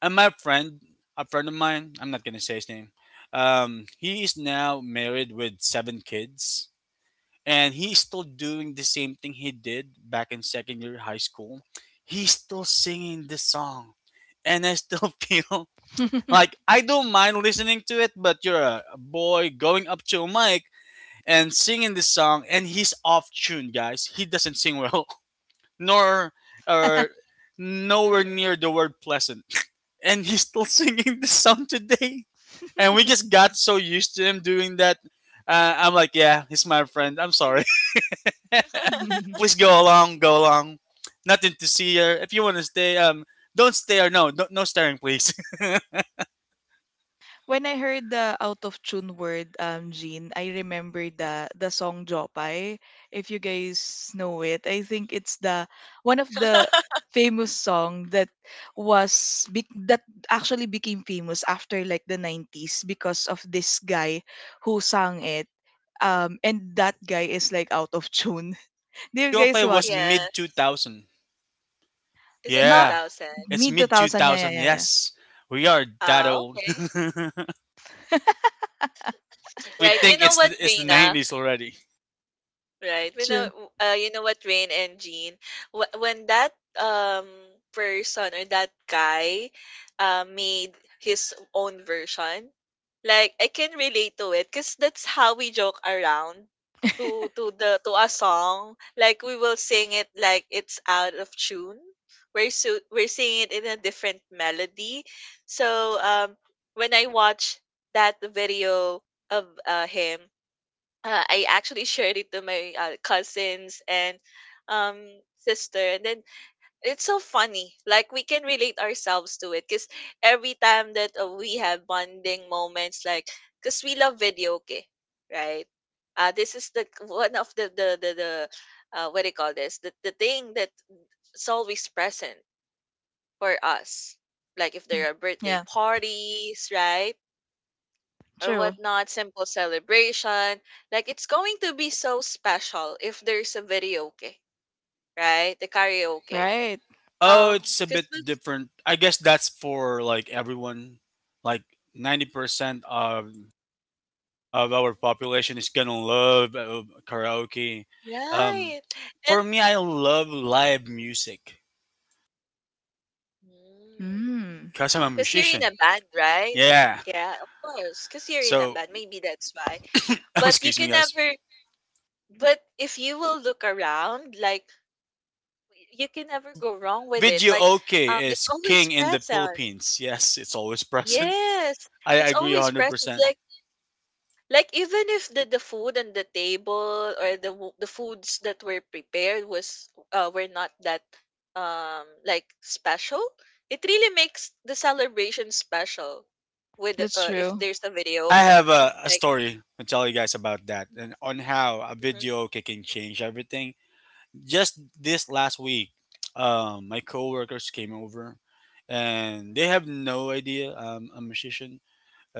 Speaker 2: And a friend of mine, I'm not gonna say his name. He is now married with seven kids, and he's still doing the same thing he did back in second year high school. He's still singing this song, and I still [laughs] feel like I don't mind listening to it, but you're a boy going up to a mic and singing this song, and he's off tune, guys. He doesn't sing well, [laughs] nor or nowhere
Speaker 3: Hmm.
Speaker 2: near the word pleasant, and he's still [laughs] singing this song today. And we
Speaker 1: Mm.
Speaker 2: just got so used to him doing that. I'm like, yeah, he's my friend. I'm sorry. [laughs]
Speaker 3: [laughs]
Speaker 2: Please
Speaker 1: [laughs]
Speaker 2: go along, go along. Nothing to see here. If you want to stay, don't stare. No, no, no staring, please.
Speaker 1: When I heard the out of tune word, Jean, I remember the song Jopay. If you guys know it, I think it's the one of the famous song that that actually became famous after like the 90s because of this guy who sang it. And that guy is like out of tune. [laughs]
Speaker 2: [laughs]
Speaker 1: Do you guys
Speaker 2: Jopay was
Speaker 1: watch it?
Speaker 2: mid
Speaker 3: Yes.
Speaker 2: 2000.
Speaker 3: Is it
Speaker 1: Not
Speaker 2: Yeah,
Speaker 3: 2,000?
Speaker 2: it's
Speaker 1: mid
Speaker 2: mid
Speaker 1: 2000. Yeah, yeah,
Speaker 2: 2000.
Speaker 1: yeah, yeah.
Speaker 2: Yes, we are that
Speaker 3: Ah,
Speaker 2: old.
Speaker 3: okay.
Speaker 2: [laughs] But we
Speaker 3: Right. You
Speaker 2: think
Speaker 3: know
Speaker 2: it's
Speaker 3: what,
Speaker 2: the
Speaker 3: Reina?
Speaker 2: 90s already.
Speaker 3: Right. We
Speaker 1: True.
Speaker 3: know, you know what, Rain and Jean, when that person or that guy made his own version, like I can relate to it because that's how we joke around to the to a song. Like we will sing it like it's out of tune. We're singing it in a different melody. So when I watch that video of him, I actually [laughs] shared it to my cousins and um sister, and then it's so funny like we can relate ourselves to it because every time that we have bonding moments. Like because we love video okay, right? This is the one of the what do you call this, the thing that's always present for us, like if
Speaker 1: Mm.
Speaker 3: there are birthday
Speaker 1: Yeah,
Speaker 3: parties, right? Or
Speaker 1: true.
Speaker 3: whatnot, simple celebration. Like it's going to be so special if there's a video, right? The karaoke.
Speaker 1: Right.
Speaker 2: Oh,
Speaker 3: Um,
Speaker 2: it's a bit
Speaker 3: because
Speaker 2: different. I guess that's for like everyone. Like 90% of our
Speaker 3: mm-hmm,
Speaker 2: population is gonna love karaoke. Um,
Speaker 3: right, and
Speaker 2: for me, I love live music
Speaker 3: mm,
Speaker 1: Mm,
Speaker 2: because I'm a
Speaker 3: because you're in
Speaker 2: musician.
Speaker 3: a band, right?
Speaker 2: Yeah.
Speaker 3: Yeah, of course. Because you're in a
Speaker 2: So,
Speaker 3: band, maybe that's why.
Speaker 2: [laughs]
Speaker 3: But you
Speaker 2: excuse me,
Speaker 3: can
Speaker 2: guys.
Speaker 3: never. But if you will look around, like you can never go wrong with it.
Speaker 2: Video
Speaker 3: Like
Speaker 2: okay
Speaker 3: it's
Speaker 2: is
Speaker 3: always
Speaker 2: king in the
Speaker 3: present.
Speaker 2: Philippines. Yes, it's always [laughs] present.
Speaker 3: Yes,
Speaker 2: I
Speaker 3: it's
Speaker 2: agree
Speaker 3: always present.
Speaker 2: 100%.
Speaker 3: Like even if the, the food and the table or the the foods that were prepared was were not that like special, it really makes the celebration special with
Speaker 1: that's
Speaker 3: if
Speaker 1: true.
Speaker 3: there's a
Speaker 2: I
Speaker 3: video
Speaker 2: I
Speaker 3: okay.
Speaker 2: have a
Speaker 3: Like
Speaker 2: story to tell you guys about that and on how a
Speaker 3: mhm,
Speaker 2: video okay can change everything. Just this last week, my coworkers came over, and they have no idea I'm a musician.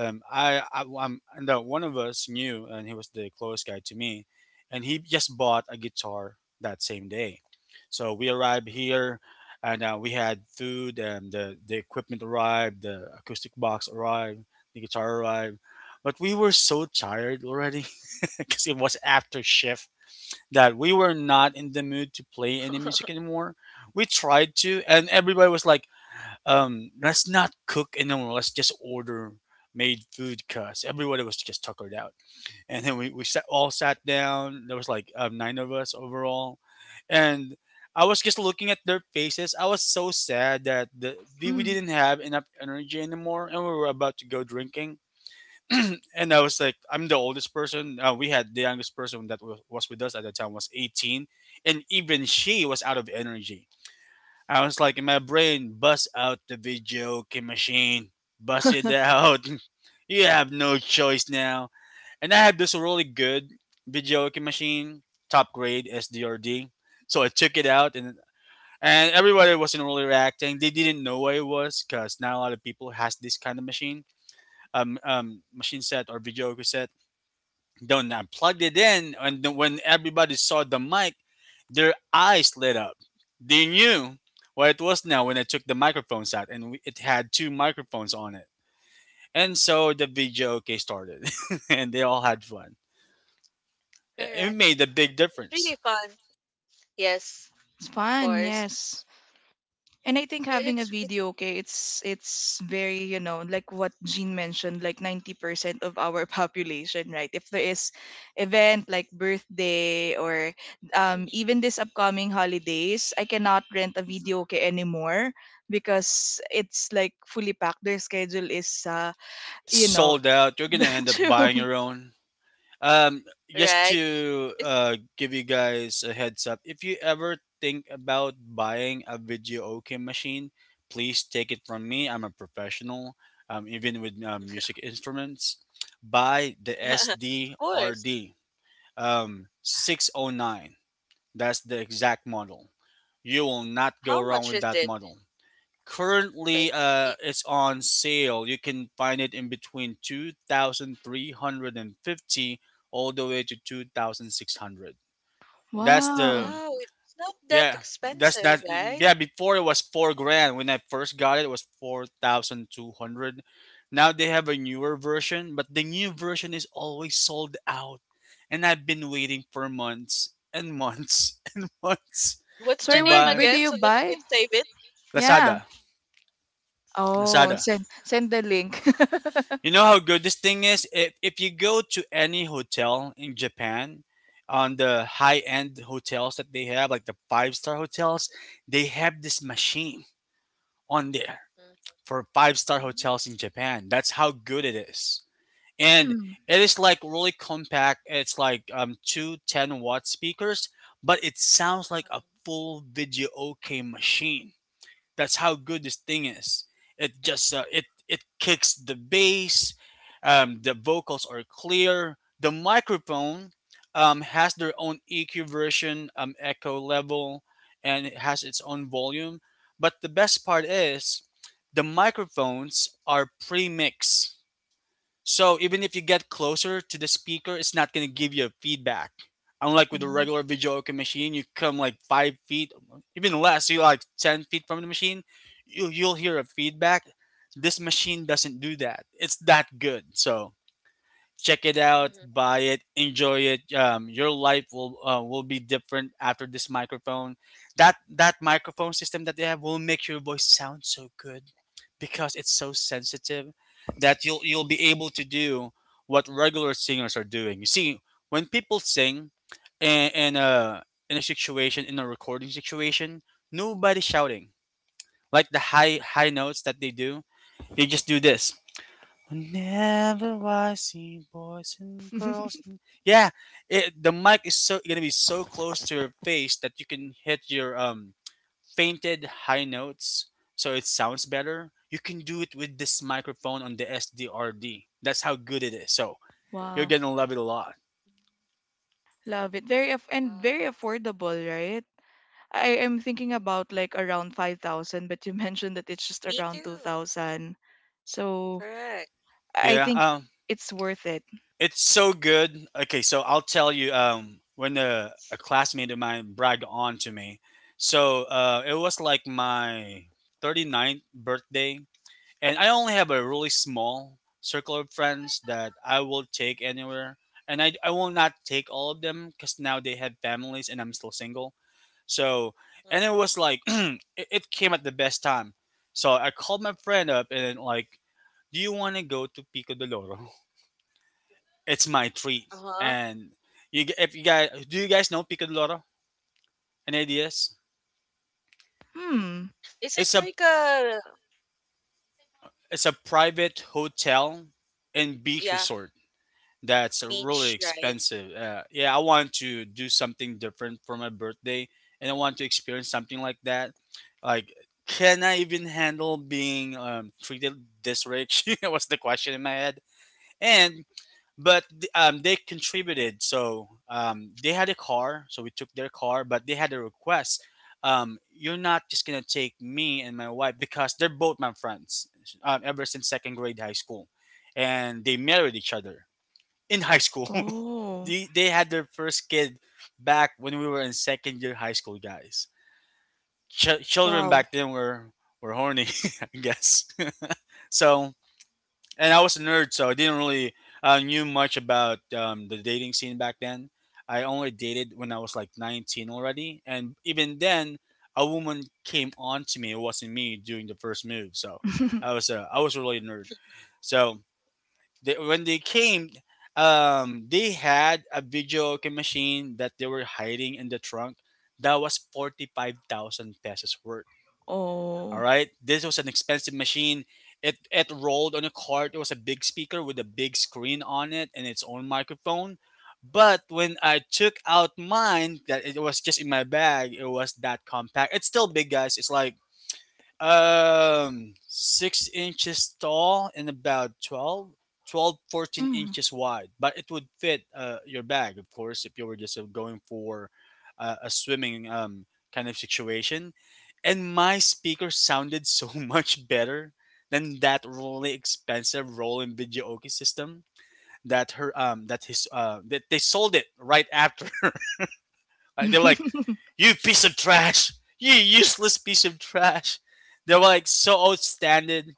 Speaker 2: I I'm and that one of us knew, and he was the closest guy to me, and he just bought a guitar that same day. So we arrived here, and we had food, and the equipment arrived, the acoustic box arrived, the guitar arrived, but we were so tired already [laughs] because it was after shift that we were not in the mood to play any music anymore. We tried to, and everybody was like, let's not cook anymore. Let's just order made food because everybody was just tuckered out. And then we all sat down. There was like nine of us overall. And I was just looking at their faces. I was so sad that the, we
Speaker 1: Hmm.
Speaker 2: didn't have enough energy anymore and we were about to go drinking. [clears throat] And I was like, I'm the oldest person. We had the youngest person that was with us at the time was 18, and even she was out of energy. I was like, in my brain, bust out the video game machine, bust it
Speaker 1: [laughs]
Speaker 2: out. [laughs] You have no choice now. And I had this really good video game machine, top grade SDRD. So I took it out, and everybody wasn't really reacting. They didn't know what it was because not a lot of people has this kind of machine, machine set or video cassette. Then I plugged it in, and then when everybody saw the mic, their eyes lit up. They knew what it was now when I took the microphones out, and it had two microphones on it. And so the video okay started, [laughs] and they all had fun. It
Speaker 3: correct.
Speaker 2: made a big
Speaker 3: It's
Speaker 2: difference.
Speaker 3: really fun, yes,
Speaker 1: It's
Speaker 3: of
Speaker 1: fun,
Speaker 3: course.
Speaker 1: yes. And I think
Speaker 3: I-
Speaker 1: having a
Speaker 3: it's it,
Speaker 1: video, okay, it's very, you know, like what Jean mentioned, like 90% of our [laughs] population, right? If there is event like birthday or even
Speaker 3: mhm,
Speaker 1: this upcoming holidays, I cannot rent a video okay anymore because it's like fully packed. Their schedule is
Speaker 2: It's
Speaker 1: you know,
Speaker 2: sold out. You're gonna
Speaker 1: [laughs]
Speaker 2: end up buying
Speaker 1: true.
Speaker 2: your own. Um, just
Speaker 3: right.
Speaker 2: to
Speaker 3: It's-
Speaker 2: give you guys a heads up, if you ever think about buying a video okay machine, please take it from me. I'm a professional, even with music instruments. Buy the
Speaker 3: [laughs] of course.
Speaker 2: SDRD 609. That's the exact model. You will not go
Speaker 3: How
Speaker 2: wrong
Speaker 3: much
Speaker 2: with
Speaker 3: is
Speaker 2: that
Speaker 3: it?
Speaker 2: model.
Speaker 3: Like
Speaker 2: Currently,
Speaker 3: i-
Speaker 2: it's on sale. You can find it in between 2,350 all the way to 2,600. That's
Speaker 1: Wow.
Speaker 2: the
Speaker 3: wow, it's not that
Speaker 2: Yeah. That's
Speaker 3: expensive,
Speaker 2: that
Speaker 3: right?
Speaker 2: Yeah. Before it was 4 grand. When I first got it, it was 4,200. Now they have a newer version, but the new version is always sold out, and I've been waiting for months and months [laughs] and months
Speaker 3: What's
Speaker 2: to
Speaker 3: the
Speaker 1: Sorry, where
Speaker 3: name
Speaker 2: buy.
Speaker 1: where do
Speaker 3: again
Speaker 1: you
Speaker 3: so that I
Speaker 1: buy?
Speaker 3: can save it?
Speaker 1: Yeah.
Speaker 2: Lazada.
Speaker 1: Oh,
Speaker 2: Lazada.
Speaker 1: send send the link.
Speaker 2: You know how good this thing is? If you go to any hotel in Japan, on the high end hotels that they have, like the five-star hotels, they have this machine on there for five-star hotels
Speaker 3: Mm-hmm.
Speaker 2: in Japan. That's how good it is. And
Speaker 1: [laughs]
Speaker 2: it is like really compact. It's like two ten watt speakers, but it sounds like a full video okay machine. That's how good this thing is. It just it it kicks the bass. The vocals are clear. The microphone has their own EQ version, echo level, and it has its own volume. But the best part is the microphones are pre-mixed, so even if you get closer to the speaker, it's not gonna give you a feedback. Unlike with a
Speaker 1: Oh,
Speaker 2: regular videoka machine, you come like 5 feet, even less, you like 10 feet from the machine, you'll hear a feedback. This machine doesn't do that. It's that good. So check it out,
Speaker 3: Mm-hmm.
Speaker 2: buy it, enjoy it. Your life will be different after this microphone. That microphone system that they have will make your voice sound so good because it's so sensitive that you'll be able to do what regular singers are doing. You see, when people sing in a recording situation, nobody's shouting like the high notes that they do. They just do this. Whenever I see boys and girls, and yeah, the mic is so gonna be so close to your face that you can hit your fainted high notes, so it sounds better. You can do it with this microphone on the SDRD. That's how good it is. So you're
Speaker 1: wow.
Speaker 2: gonna love it a lot.
Speaker 1: Love it. Very aff and very
Speaker 3: Wow.
Speaker 1: affordable, right? I am thinking
Speaker 3: Mm.
Speaker 1: about like around 5,000, but you [laughs] mentioned that it's just
Speaker 3: Me
Speaker 1: around
Speaker 3: too.
Speaker 1: 2,000. So
Speaker 3: Correct.
Speaker 1: I
Speaker 2: Yeah,
Speaker 1: think it's worth it.
Speaker 2: it's so good. Okay, so I'll tell you when a classmate of mine bragged on to me. So it was like my 39th birthday. And I only have a really small circle of friends that I will take anywhere. And I will not take all of them because now they have families and I'm still single. So,
Speaker 3: Mm.
Speaker 2: and it was like, [clears throat] it came at the best time. So I called my friend up and then like, do you want to go to Pico de Loro? [laughs] It's my treat.
Speaker 3: Uh-huh.
Speaker 2: And you, g- if you guys, do you guys know Pico de Loro? Any ideas?
Speaker 1: Hmm.
Speaker 3: Is it
Speaker 2: It's a,
Speaker 3: like a,
Speaker 2: it's a private hotel and beach
Speaker 3: yeah,
Speaker 2: resort that's really
Speaker 3: beach, right?
Speaker 2: expensive. Yeah, I want to do something different for my birthday, and I want to experience something like that. Like, can I even handle being treated this rich? [laughs] was the question in my head. And they contributed, so they had a car, so we took their car, but they had a request. You're not just gonna take me and my wife because they're both my friends ever since second grade high school, and they married each other in high school. [laughs]
Speaker 1: Oh,
Speaker 2: They had their first kid back when we were in second year high school, guys. Children
Speaker 1: wow.
Speaker 2: back then were horny, [laughs] I guess. [laughs] So, and I was a nerd, so I didn't really knew much about the dating scene back then. I only dated when I was like 19 already, and even then, a woman came on to me. It wasn't me doing the first move, so I
Speaker 1: [laughs]
Speaker 2: was a I was really a really nerd. So when they came, they had a video game machine that they were hiding in the trunk. That was 45,000 pesos worth. All
Speaker 1: Oh.
Speaker 2: right, this was an expensive machine. It rolled on a cart. It was a big speaker with a big screen on it and its own microphone. But when I took out mine, that it was just in my bag. It was that compact. It's still big, guys. It's like 6 inches tall and about twelve, fourteen
Speaker 1: Mm.
Speaker 2: inches wide. But it would fit your bag, of course, if you were just going for a swimming kind of situation. And my speaker sounded so [laughs] much better than that really expensive Roland Video system that her that his that they sold it right after. Like, they were like,
Speaker 1: [laughs]
Speaker 2: "You piece of trash! You useless piece of trash!" They were like so outstanding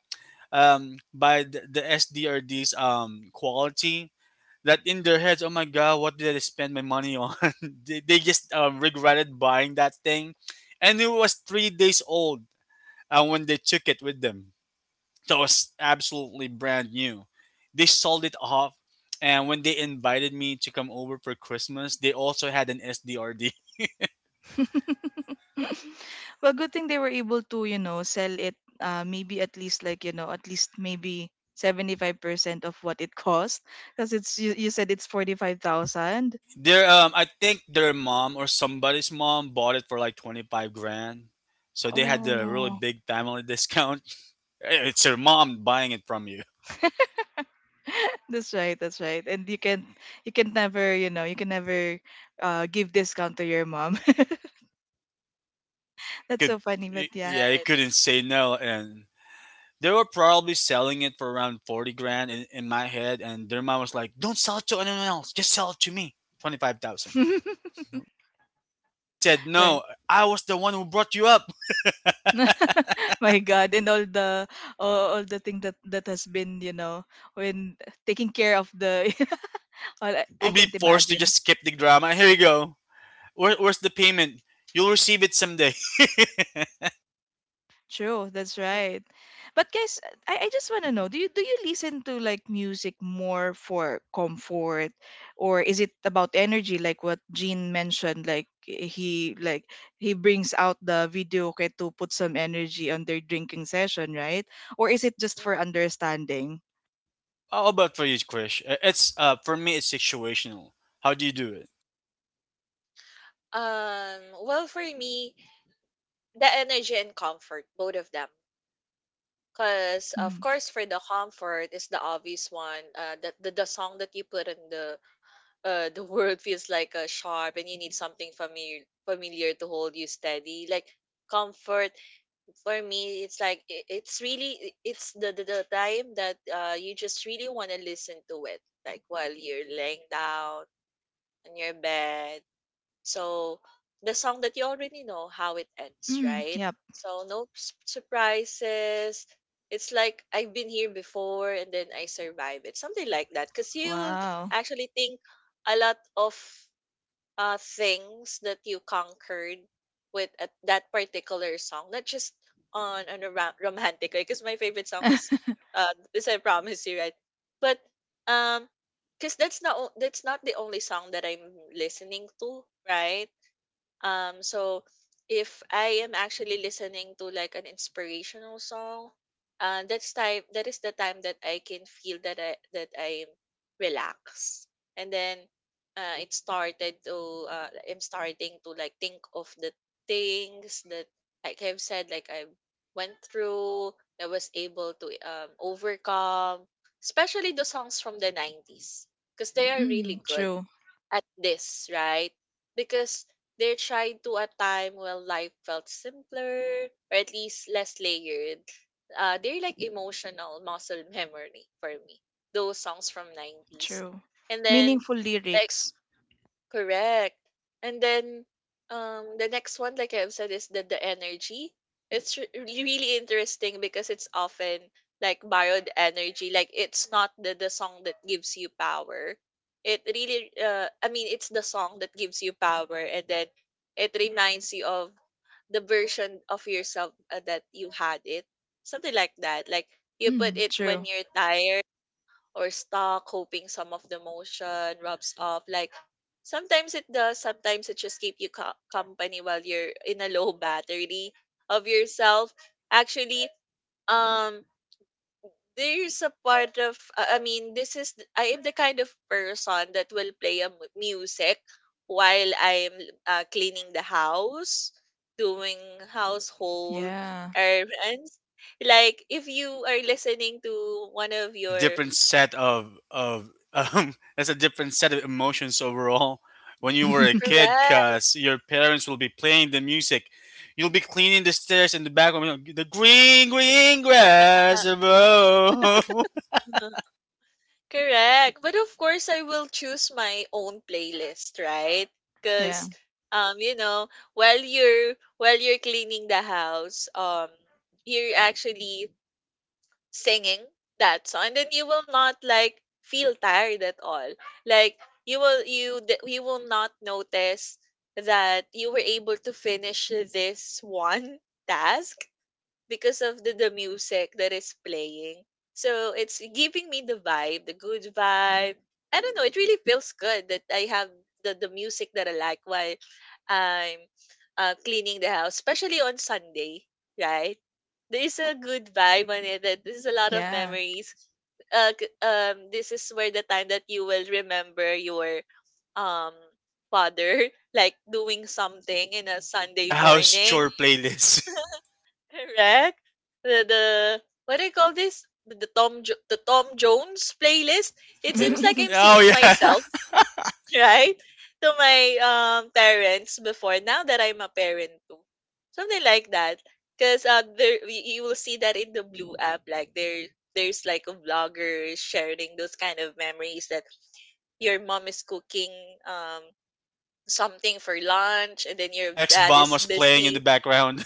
Speaker 2: by the SDRD's quality that in their heads, "Oh my god, what did I spend my money on?" [laughs] they just regretted buying that thing, and it was 3 days old when they took it with them. So it was absolutely brand new. They sold it off, and when they invited me to come over for Christmas, they also had an SDRD. [laughs]
Speaker 1: [laughs] Well, good thing they were able to, you know, sell it maybe at least, like, you know, at least maybe 75% of what it cost, because it's you said it's 45,000.
Speaker 2: Their I think their mom or somebody's mom bought it for like 25 grand. So they had the really
Speaker 1: Oh.
Speaker 2: big family discount. [laughs] It's your mom buying it from you.
Speaker 1: [laughs] That's right, that's right. And you can never, you know, you can never give discount to your mom. [laughs]
Speaker 2: They
Speaker 1: That's
Speaker 2: could,
Speaker 1: so funny, but yeah.
Speaker 2: yeah, it
Speaker 3: Right.
Speaker 2: couldn't say no. And they were probably selling it for around 40 grand in my head. And their mom was like, "Don't sell it to anyone else. Just sell it to me. 25,000.
Speaker 1: [laughs]
Speaker 2: If you said
Speaker 1: Right.
Speaker 2: no, I was the one who brought you up,
Speaker 1: [laughs] My God, and all the all the thing that that has been, you know, when taking care of the [laughs] all I,
Speaker 2: and
Speaker 1: I
Speaker 2: you'll be
Speaker 1: can't
Speaker 2: forced to
Speaker 1: imagine.
Speaker 2: just skip the drama. Here you go. Where's the payment? You'll receive it someday.
Speaker 1: True, that's
Speaker 3: Mhm,
Speaker 1: right. But guys, I just want to know, do you listen to like music more for comfort, or is it about energy, like what Jean mentioned, like he brings out the video okay to put some energy on their drinking session, right? Or is it just for
Speaker 3: mhm.
Speaker 1: understanding?
Speaker 2: How about for you, Krish? It's for me, it's situational. How do you do it?
Speaker 3: Um, well, for me, the energy and comfort, both of them. Because, of
Speaker 1: Mm-hmm.
Speaker 3: course, for the comfort is the obvious one. That the song that you put in the world feels like a sharp and you need something familiar to hold you steady like comfort. For me, it's like it's really, it's the time that you just really want to listen to it, like while you're laying down on your bed. So the song that you already know how it ends,
Speaker 1: Mm,
Speaker 3: right?
Speaker 1: yep.
Speaker 3: So no surprises. It's like I've been here before and then I survive it, something like that. Because you will
Speaker 1: Wow.
Speaker 3: actually think a lot of things that you conquered with a, that particular song, not just on a romantic way. Because my favorite song is
Speaker 1: [laughs]
Speaker 3: this I promise you, right? But um because that's not that's not the only song that I'm listening to, right? So if I am actually listening to like an inspirational song, that's time that is the time that I can feel that I that I'm relaxed. And then it started to I'm starting to like think of the things that like I've said, like I went through, I was able to overcome, especially the songs from the 90s, because they are
Speaker 1: Mm,
Speaker 3: really good
Speaker 1: true.
Speaker 3: at this, right? Because they're trying to a time when life felt simpler or at least less layered. They're like emotional muscle [laughs] memory for me. Those songs from 90s.
Speaker 1: True.
Speaker 3: And then
Speaker 1: Meaningful
Speaker 3: like
Speaker 1: lyrics.
Speaker 3: correct. And then the next one, like I've said, is the energy. It's really interesting because it's often like borrowed energy. Like it's not the song that gives you power. It really, I mean, it's the song that gives you power, and then it reminds you of the version of yourself, that you had it, something like that. Like you put
Speaker 1: Mm,
Speaker 3: it when
Speaker 1: true.
Speaker 3: you're tired or stuck, hoping some of the motion rubs off. Like sometimes it does, sometimes it just keep you company while you're in a low [laughs] battery of yourself. Actually, um, there's a part of I mean, this is, I am the kind of person that will play a music while I'm cleaning the house, doing household
Speaker 1: Yeah.
Speaker 3: errands. Like if you are listening to one of
Speaker 2: It's a
Speaker 3: your
Speaker 2: different set of [laughs] it's a different set of emotions overall. When you were a
Speaker 1: [laughs]
Speaker 2: kid,
Speaker 3: correct.
Speaker 2: cause your parents will be playing the music, you'll be cleaning the stairs in the background. You know, the green, green grass above. [laughs]
Speaker 3: Uh-huh. Correct. But of course, I will choose my own playlist, right?
Speaker 1: Yeah.
Speaker 3: Because, you know, while you're cleaning the house, you're actually singing that song, and then you will not like feel tired at all. Like you will you will not notice that you were able to finish this one [laughs] task because of the music that is playing. So it's giving me the vibe, the good vibe. I don't know, it really feels good that I have the music that I like while I'm cleaning the house, especially on Sunday, right? There is a good vibe on it. That There's a lot of
Speaker 1: Yeah.
Speaker 3: memories. This is where the time that you will remember your um father [laughs] like doing something in a Sunday
Speaker 2: The house
Speaker 3: morning.
Speaker 2: chore playlist. [laughs]
Speaker 3: [laughs] Correct. The what do you call this? The the Tom Jones playlist. It seems
Speaker 2: Yeah.
Speaker 3: like I'm
Speaker 1: [laughs]
Speaker 2: Oh
Speaker 3: seeing
Speaker 2: yeah,
Speaker 3: myself, [laughs] right? To my parents before, now that I'm a parent too. Something like that. Cause there you will see that in the blue app, like there there's like a vlogger sharing those kind of memories that your mom is cooking um something for lunch and then
Speaker 2: [laughs]
Speaker 3: your
Speaker 2: sex
Speaker 3: dad
Speaker 2: bomb
Speaker 3: is
Speaker 2: was playing in the
Speaker 3: busy.
Speaker 2: background.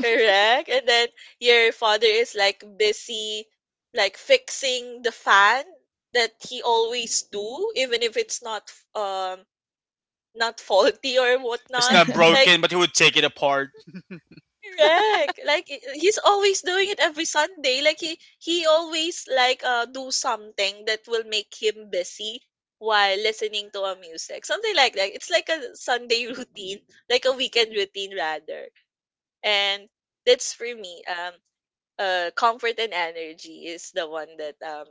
Speaker 3: Correct. And then your father is like busy, like fixing the fan, that he always do, even if it's not um not faulty or
Speaker 2: [laughs] It's
Speaker 3: whatnot.
Speaker 2: not
Speaker 3: Like
Speaker 2: broken, but he would take it apart.
Speaker 3: correct. Like he's always doing it every Sunday. Like he always like do something that will make him busy while listening to a music. Something like that. It's like a Sunday [laughs] routine, like a weekend routine rather. And that's for me. Comfort and energy is the one that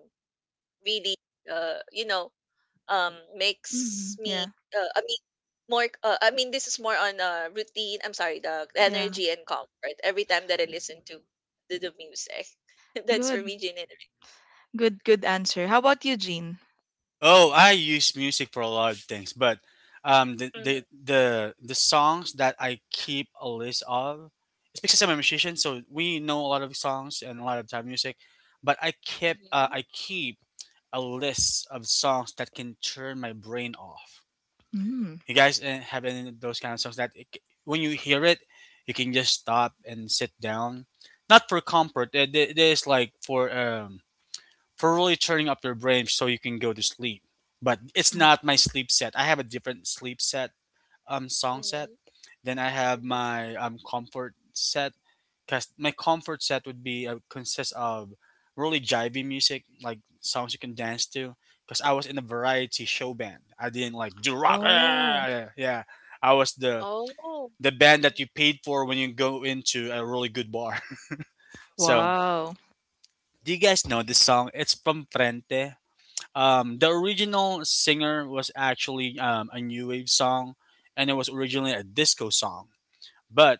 Speaker 3: really, you know, makes
Speaker 1: Mm,
Speaker 3: me.
Speaker 1: yeah.
Speaker 3: Uh, I mean, I mean, this is more on routine. I'm sorry, the
Speaker 1: Yeah.
Speaker 3: energy and comfort every time that I listen to the music. [laughs] That's for
Speaker 1: Good.
Speaker 3: me, Jane.
Speaker 1: Good. Good answer. How about you, Jean?
Speaker 2: Oh, I use music for a lot of things, but the, the
Speaker 3: Mm-hmm.
Speaker 2: the the songs that I keep a list of, it's because I'm a musician, so we know a lot of songs and a lot of time music. But
Speaker 3: Hmm.
Speaker 2: I keep a list of songs that can turn my brain off.
Speaker 1: Mm,
Speaker 2: You guys have any of those kind of songs that when you hear it, you can just stop and sit down, not for comfort. It is like for really turning up your brain so you can go to sleep. But it's
Speaker 1: sure.
Speaker 2: not my sleep set. I have a different sleep set, song set.
Speaker 3: Hmm.
Speaker 2: Then I have
Speaker 3: Hmm. Hmm.
Speaker 2: my comfort set, cause my comfort set would be consist of really jivey music, like songs you can dance to. Cause I was in a variety show band. I didn't like do rock. [laughs]
Speaker 1: Oh.
Speaker 2: Yeah, I was
Speaker 3: Oh.
Speaker 2: the band that
Speaker 3: Mhm.
Speaker 2: you paid for when you go into a really good bar. [laughs] So
Speaker 1: Wow.
Speaker 2: do you guys know this song? It's from Frente, the original singer was actually a new wave song, and it was originally a disco song. But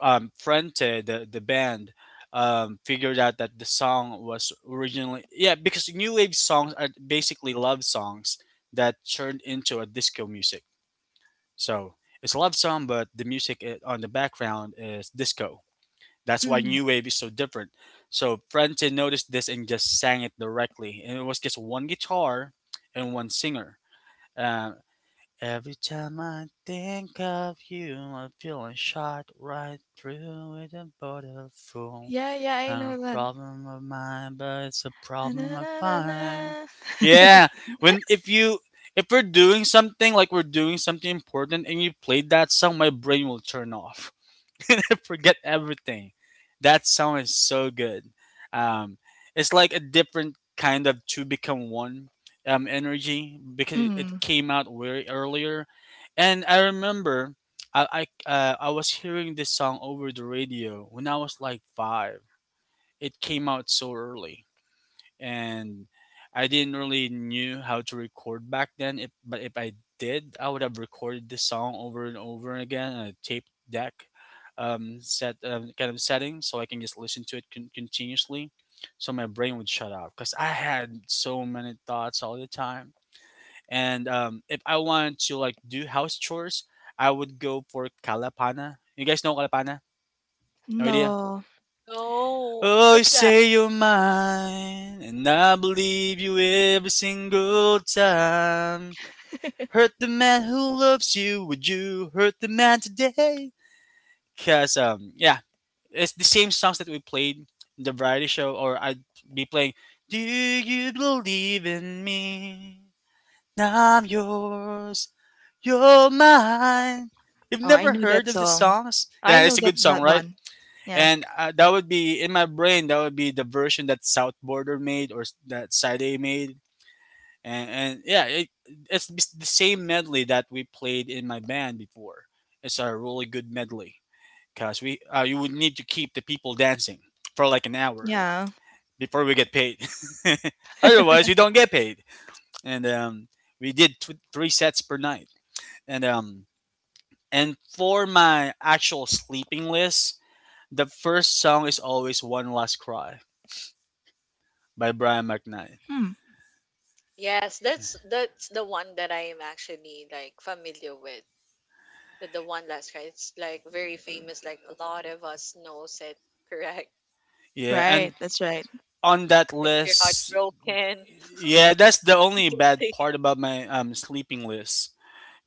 Speaker 2: Frente, the band, figured out that the song was originally yeah because new wave songs are basically love songs that turned into a disco music. So it's a love song, but the music on the background is disco. That's why
Speaker 1: Mm,
Speaker 2: new wave is so different. So Francine noticed this and just sang it directly, and it was just one guitar and one singer. Uh, Every time I think of you, I'm feeling shot right through with a border full.
Speaker 1: yeah. Yeah. I
Speaker 2: Not
Speaker 1: know
Speaker 2: a
Speaker 1: that.
Speaker 2: problem of mine, but it's a
Speaker 1: Na,
Speaker 2: problem
Speaker 1: na,
Speaker 2: of
Speaker 1: na, na,
Speaker 2: mine.
Speaker 1: na.
Speaker 2: Yeah, when
Speaker 1: [laughs]
Speaker 2: if you if we're doing something like we're doing something important and you played that song, my brain will turn off. [laughs] Forget everything. That song is so good. Um, it's like a different kind of two become one energy because it
Speaker 1: Mm,
Speaker 2: came out way earlier, and I remember I was hearing this song over the radio when I was like five. It came out so early and I didn't really knew how to record back then. If I did, I would have recorded the song over and over again on a tape deck set kind of setting, so I can just listen to it continuously. So my brain would shut off because I had so many thoughts all the time. And if I wanted to like do house chores, I would go for Kalapana. You guys know Kalapana? No idea.
Speaker 1: no.
Speaker 3: Oh,
Speaker 2: Oh, you
Speaker 3: what's that?
Speaker 2: say you're mine, and I believe you every single time. Hurt the man who loves you, would you hurt the man today? Cause yeah, it's the same songs that we played in the variety show, or I'd be playing. Do you believe in me? Now I'm yours, you're mine. You've
Speaker 1: Oh, I
Speaker 2: never
Speaker 1: know
Speaker 2: heard
Speaker 1: that
Speaker 2: of the
Speaker 1: song.
Speaker 2: songs?
Speaker 1: I
Speaker 2: Yeah,
Speaker 1: know
Speaker 2: it's a
Speaker 1: that
Speaker 2: good song,
Speaker 1: that
Speaker 2: right?
Speaker 1: one. Yeah.
Speaker 2: And that would be in my brain. That would be the version that South Border made or that Side A made, and yeah, it's the the same medley that we played in my band before. It's a really good medley because we you would need to keep the people dancing for like an hour
Speaker 1: Yeah.
Speaker 2: before we get paid. [laughs] Otherwise, we don't get paid. And we did three sets per night. And and for my actual sleeping list, the first song is always "One Last Cry." by Brian McKnight.
Speaker 1: Hmm.
Speaker 3: Yes, that's the one that I am actually like familiar with. The one last cry. It's like very famous. Like a lot of us knows it. Correct. [laughs]
Speaker 2: Yeah,
Speaker 1: Right,
Speaker 2: and
Speaker 1: that's right.
Speaker 2: on that
Speaker 3: If we're
Speaker 2: list,
Speaker 3: heartbroken,
Speaker 2: yeah, that's the
Speaker 3: [laughs] we
Speaker 2: only
Speaker 3: do
Speaker 2: bad
Speaker 3: sing
Speaker 2: part about my sleeping list.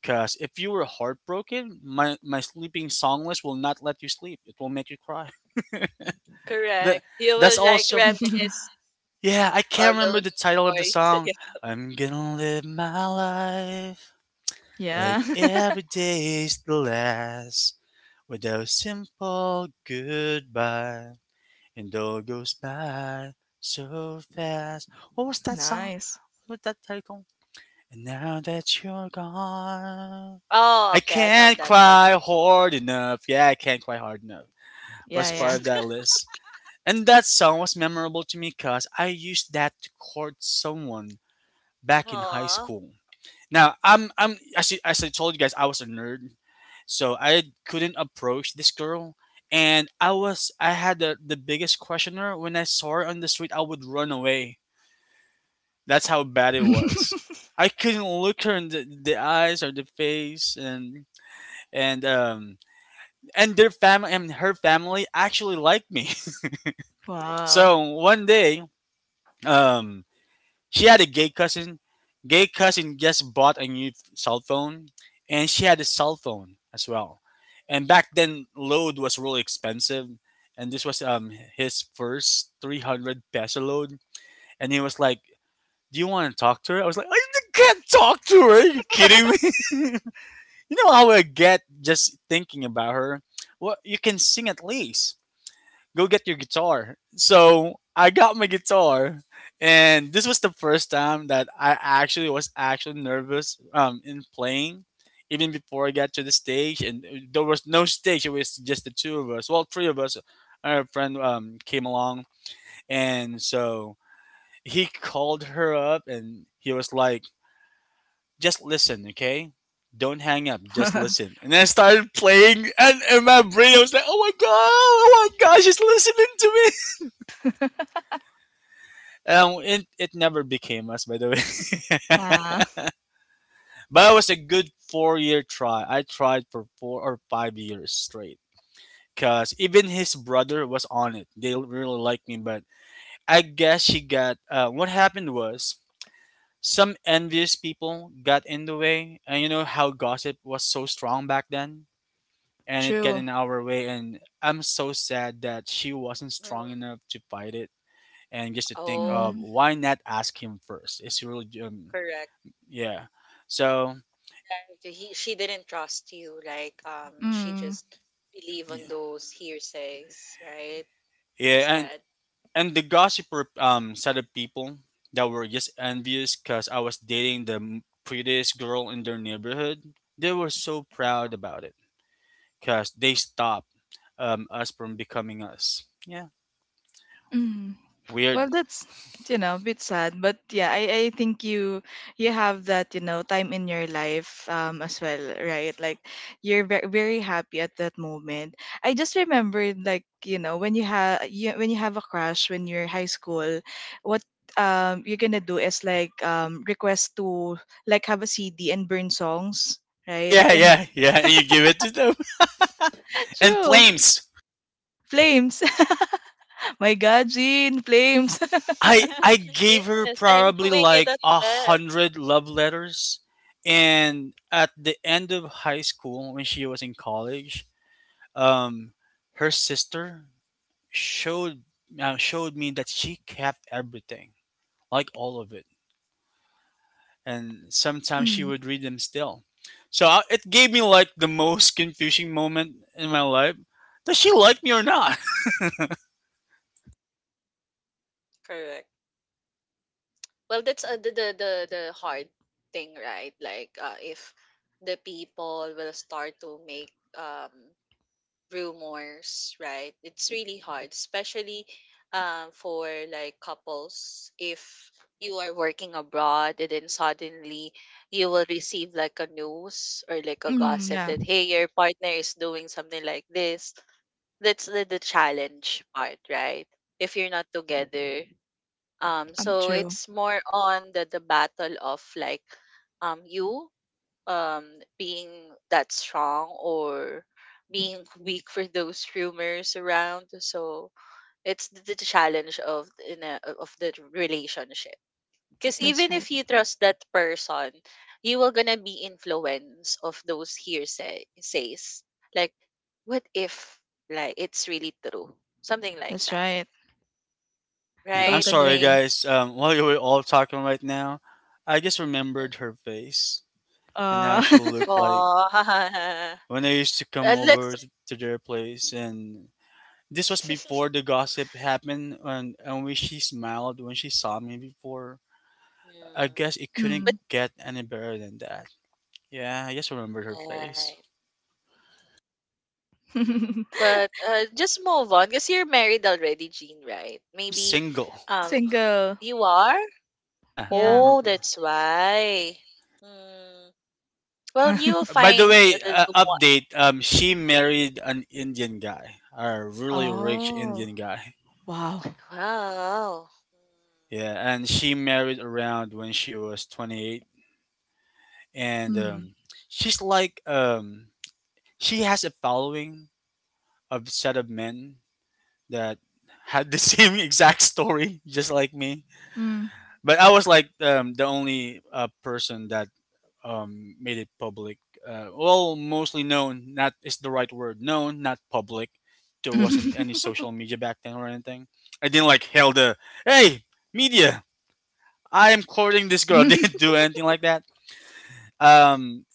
Speaker 2: Cause if you were heartbroken, my sleeping song list will not let you sleep. It will make you cry. [laughs]
Speaker 3: it.
Speaker 2: That
Speaker 3: Correct. You will
Speaker 2: that's
Speaker 1: [laughs]
Speaker 3: like
Speaker 2: also
Speaker 3: reminisce
Speaker 2: yeah. I can't
Speaker 3: all
Speaker 2: remember the
Speaker 3: those
Speaker 2: title of the
Speaker 3: stories. [laughs]
Speaker 2: song.
Speaker 3: Yeah.
Speaker 2: I'm gonna live my life
Speaker 1: Yeah.
Speaker 2: like
Speaker 1: [laughs]
Speaker 2: every day's the last with a simple goodbye. And all goes by so fast. What was that song?
Speaker 1: Nice.
Speaker 2: What was that title? And now that you're gone,
Speaker 3: Oh,
Speaker 2: I
Speaker 3: okay. I know
Speaker 2: can't
Speaker 3: that one.
Speaker 2: cry hard enough. Yeah, I can't cry hard enough.
Speaker 1: Yeah,
Speaker 2: Was
Speaker 1: yeah.
Speaker 2: part of that
Speaker 3: [laughs]
Speaker 2: list. And that song was memorable to me because I used that to court someone back in high
Speaker 3: Aw.
Speaker 2: school. Now, I'm actually as I told you guys, I was a nerd, so I couldn't approach this girl, and I had the biggest questioner when I saw her on the street. I would run away. That's how bad it was.
Speaker 1: [laughs]
Speaker 2: I couldn't look her in the eyes or the face, and and um and their family and her family actually liked me. [laughs]
Speaker 1: Wow.
Speaker 2: So one day, um, she had a gay cousin. Gay cousin just bought a new cell phone, and she had a cell phone as well. And back then, load was really expensive, and this was his first 300 peso load. And he was like, "Do you want to talk to her?" I was like, "I can't talk to her. Are you kidding me?" [laughs] You know how I get just thinking about her. Well, you can sing at least go get your guitar. So I got my guitar, and this was the first time that I actually was actually nervous in playing, even before I got to the stage. And there was no stage; it was just the two of us. Well, three of us. Our friend came along, and so he called her up, and he was like, "Just listen, okay." Don't hang up, just listen. And I started playing, and in my brain, I was like, oh my god, oh my gosh, she's listening to me.
Speaker 1: [laughs]
Speaker 2: It never became us, by the way.
Speaker 1: Wow.
Speaker 2: [laughs] But it was a good 4-year try. I tried for 4 or 5 years straight. Cause even his brother was on it. They really liked me, but I guess she got. What happened was some envious people got in the way, and you know how gossip was so strong back then, and it got
Speaker 1: True.
Speaker 2: in our way. And I'm so sad that she wasn't strong
Speaker 3: Mm.
Speaker 2: enough to fight it. And just to think
Speaker 3: Oh,
Speaker 2: of
Speaker 1: Mm.
Speaker 2: why not ask him first? It's really
Speaker 3: correct.
Speaker 2: yeah. So
Speaker 3: Yeah, she didn't trust you. Like, she
Speaker 1: Mm.
Speaker 3: just believe
Speaker 2: yeah.
Speaker 3: on those hearsays, right?
Speaker 2: Yeah, and
Speaker 3: Instead.
Speaker 2: and the gossiper set of people that were just envious cuz I was dating the prettiest girl in their neighborhood. They were so proud about it cuz they stopped us from becoming us. Yeah.
Speaker 1: Mm. Well,
Speaker 2: Weird.
Speaker 1: that's, you know, a bit sad, but yeah, I think you you have that, you know, time in your life as well, right? Like you're very very happy at that moment. I just remembered, like, you know, when you have you when you have a crush when you're high school, what you're gonna do is like request to like have a CD and burn songs,
Speaker 2: Oh
Speaker 1: right?
Speaker 2: yeah,
Speaker 1: And
Speaker 2: yeah, yeah, and you give it to them. [laughs]
Speaker 1: [laughs]
Speaker 2: And
Speaker 1: true,
Speaker 2: flames.
Speaker 1: flames. [laughs] My God, Jean, flames. [laughs]
Speaker 2: I
Speaker 3: [laughs]
Speaker 2: gave her
Speaker 3: Yes, I'm
Speaker 2: probably
Speaker 3: doing it
Speaker 2: like
Speaker 3: as
Speaker 2: a
Speaker 3: well.
Speaker 2: hundred love letters, and at the end of high school, when she was in college, um, her sister showed showed me that she kept everything, like all of it. And sometimes she
Speaker 1: Mm,
Speaker 2: would read them still. So I, it gave me like the most confusing moment in my life. Does she like me or not?
Speaker 3: Correct. Well, that's the the hard thing, right? Like, if the people will start to make rumors, right? It's really hard, especially for like couples. If you are working abroad and then suddenly you will receive like a news or like a
Speaker 1: mm,
Speaker 3: gossip
Speaker 1: yeah,
Speaker 3: that hey, your partner is doing something like this. That's the challenge part, right? If you're not together, so
Speaker 1: true.
Speaker 3: it's more on the battle of like you um being that strong or being weak for those rumors around. So it's the challenge of in a, of the relationship. Because
Speaker 1: That's
Speaker 3: even
Speaker 1: right.
Speaker 3: if you trust that person, you will gonna be influenced of those hearsay says. Like, what if like it's really true? Something like
Speaker 1: That's
Speaker 3: that,
Speaker 1: right.
Speaker 2: [laughs] Yeah, I'm
Speaker 3: right?
Speaker 1: Totally
Speaker 2: sorry,
Speaker 3: Rain.
Speaker 1: agree.
Speaker 2: guys. While you were all talking right now, I just
Speaker 3: Mm-hmm.
Speaker 2: remembered her face and how
Speaker 1: Uh,
Speaker 2: she looked like
Speaker 3: Oh,
Speaker 2: when I used to
Speaker 3: [laughs]
Speaker 2: come
Speaker 3: uh, let's
Speaker 2: over to their place. And this was before
Speaker 3: [laughs]
Speaker 2: the gossip happened, and when she smiled when she saw me before, I
Speaker 3: mm,
Speaker 2: guess it couldn't
Speaker 3: but
Speaker 1: [laughs] mm.
Speaker 2: get any better than that. Yeah, I just remembered her face.
Speaker 3: right.
Speaker 1: [laughs]
Speaker 3: But just move on because you're married already, Jean, right?
Speaker 2: I'm
Speaker 3: Maybe
Speaker 2: single.
Speaker 3: um
Speaker 1: Single.
Speaker 3: you are?
Speaker 2: Yeah,
Speaker 1: Yeah.
Speaker 2: I'm.
Speaker 3: Oh,
Speaker 2: r-
Speaker 3: that's why. Hmm. Well, you'll
Speaker 2: Wait,
Speaker 1: [laughs]
Speaker 2: by the
Speaker 3: find
Speaker 2: way,
Speaker 3: the one.
Speaker 2: update. She married an Indian guy, a really rich
Speaker 1: Oh,
Speaker 2: Indian guy.
Speaker 1: wow.
Speaker 3: Wow.
Speaker 2: Yeah, and she married around when she was 28, and
Speaker 1: Mm.
Speaker 2: she's like she has a following of set of men that had the [laughs] same exact story, just like me.
Speaker 1: Mm.
Speaker 2: But I was like the only person that made it public. Well, mostly known. Not is the right word. Known, not public. There wasn't any social
Speaker 1: [laughs]
Speaker 2: media back then or anything. I didn't like held a hey media. I am courting this girl. [laughs] Didn't
Speaker 1: [laughs]
Speaker 2: do anything like that. Um,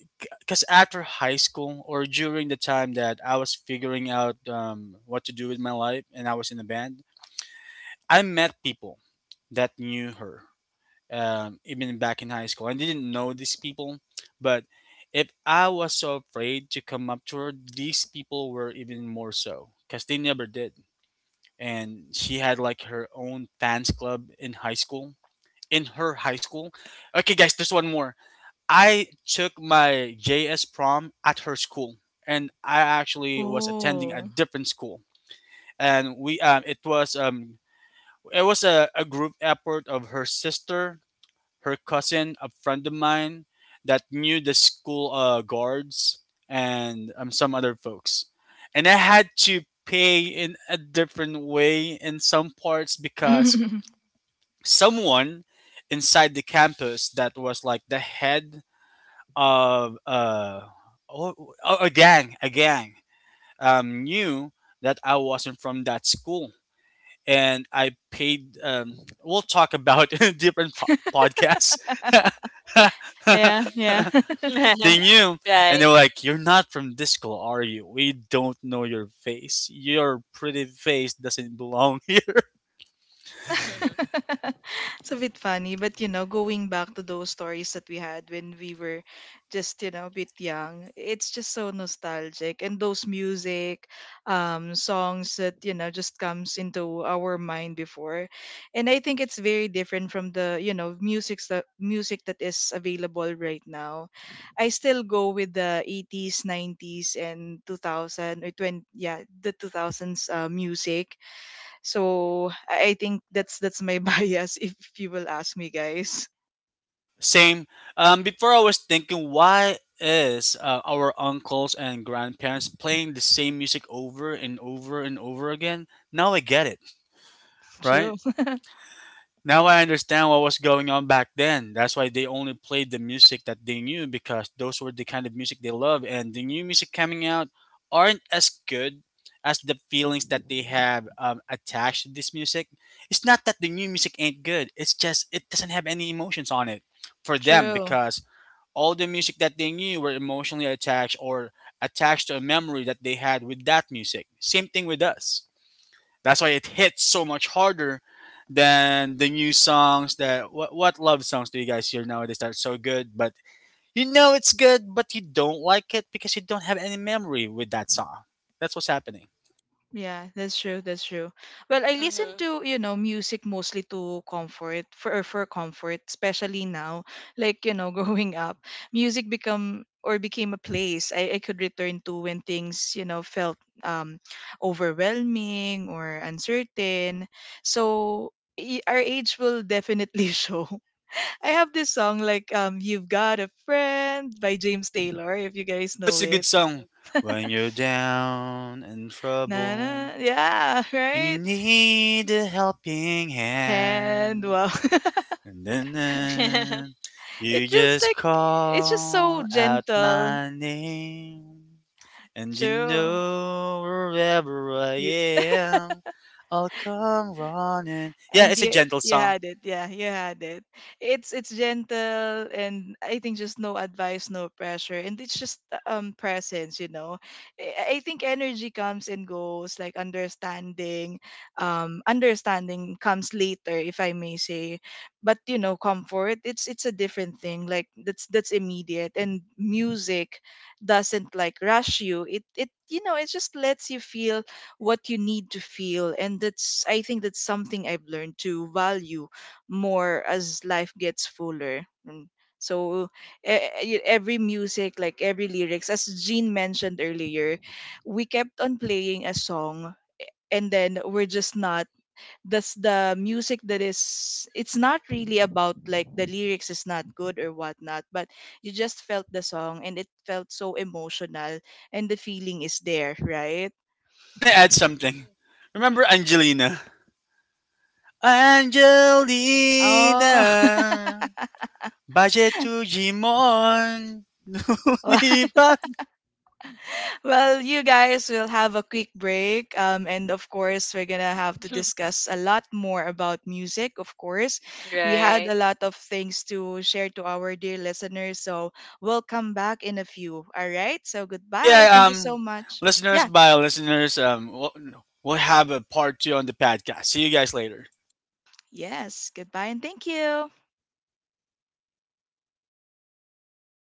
Speaker 2: because after high school or during the time that I was figuring out what to do with my life and I was in a band, I met people that knew her even back in high school. I didn't know these people, but if I was so afraid to come up to her, these people were even more so because they never did. And she had like her own fans club in high school. In her high school. Okay, guys, there's one more. I took my JS prom at her school, and I actually was attending a
Speaker 1: Oh.
Speaker 2: different school. And we, it was a group effort of her sister, her cousin, a friend of mine that knew the school guards and some other folks. And I had to pay in a different way in some parts because
Speaker 1: [laughs]
Speaker 2: someone inside the campus that was like the head of oh, oh, a gang, knew that I wasn't from that school and I paid. We'll talk about [laughs] different podcasts.
Speaker 1: Yeah, yeah.
Speaker 3: Mm.
Speaker 2: [laughs]
Speaker 3: [laughs]
Speaker 2: They knew, and
Speaker 3: Right.
Speaker 2: they were like, "You're not from Disco, are you? We don't know your face. Your pretty face doesn't belong [laughs] here."
Speaker 1: [laughs] It's a bit funny, but you know, going back to those stories that we had when we were just, you know, a bit young, it's just so nostalgic. And those music, songs that, you know, just comes into our mind before. And I think it's very different from the, you know, music that is available right now. I still go with the 80s, 90s, and 2000 or 20, yeah, the 2000s music, so I think that's my [laughs] bias if you will ask me, guys.
Speaker 2: Same. Before I was thinking, why is our uncles and grandparents playing the same music over and over and over again? Now I get it, right?
Speaker 1: True. [laughs]
Speaker 2: Now I understand what was going on back then. That's why they only played the music that they knew because those were the kind of music they love and the new music coming out aren't as good as the feelings that they have attached to this music. It's not that the new music ain't good. It's just it doesn't have any emotions on it for them
Speaker 1: True.
Speaker 2: because all the music that they knew were emotionally attached or attached to a memory that they had with that music. Same thing with us. That's why it hits so much harder than the new songs that what love songs do you guys hear nowadays that are so good but you know it's good but you don't like it because you don't have any memory with that song. That's what's happening.
Speaker 1: Yeah, that's true. That's true. Well,
Speaker 3: [laughs]
Speaker 1: I listen
Speaker 3: Mhm.
Speaker 1: to, you know, music mostly to comfort for or for comfort, especially now. [laughs] Like, you know, [laughs] growing up, music become or became a place I could return to when things, you know, felt overwhelming or uncertain. So y- our age will definitely [laughs] show. I have this song like You've Got a Friend by James Taylor, if you guys
Speaker 2: Oh, it's
Speaker 1: know
Speaker 2: a good
Speaker 1: it.
Speaker 2: song. When you're down and
Speaker 1: Na na,
Speaker 2: trouble
Speaker 1: yeah, [laughs]
Speaker 2: and you
Speaker 1: right?
Speaker 2: need a helping
Speaker 1: And
Speaker 2: hand.
Speaker 1: wow. [laughs]
Speaker 2: And
Speaker 3: Mhm.
Speaker 2: then you
Speaker 1: It feels
Speaker 2: just
Speaker 1: like it's just so
Speaker 2: call out
Speaker 1: gentle.
Speaker 2: my name. And you
Speaker 1: True.
Speaker 2: know wherever I
Speaker 1: You
Speaker 2: am, I'll come running. Yeah,
Speaker 1: and
Speaker 2: it's a
Speaker 1: you
Speaker 2: gentle
Speaker 1: you
Speaker 2: song.
Speaker 1: had it, yeah, you had it, it's gentle, and I think just no advice, no pressure, and it's just presence, you know. I think energy comes and goes, like understanding, understanding comes later, if I may say. But you know, comfort, it's a different thing, like that's immediate, and music doesn't like rush you, it, you know, it just lets you feel what you need to feel, and that's, I think that's something I've learned to value more as life gets fuller. Mm. So e- every music, like every lyrics, as Jean mentioned earlier, we kept on playing a song and then we're just not, that's the music that is, it's not really about like the lyrics is not good or whatnot, but you just felt the song, and it felt so emotional, and the feeling is there, right?
Speaker 2: I want to add something. Remember Angelina?
Speaker 1: Oh. [laughs]
Speaker 2: Angelina, budget to Jimon. [laughs] Oh
Speaker 1: Well, [laughs] well, you guys will have a quick break. And of course, we're going to have to
Speaker 3: [laughs]
Speaker 1: discuss a lot more about music. Of course, we
Speaker 3: right.
Speaker 1: had a lot of things to share to our dear listeners. So we'll come back in a few. All right. So goodbye.
Speaker 2: yeah,
Speaker 1: Thank you so much.
Speaker 2: listeners,
Speaker 1: Yeah.
Speaker 2: by listeners, we'll have a part two on the podcast. See you guys later.
Speaker 1: Yes. Goodbye and thank you.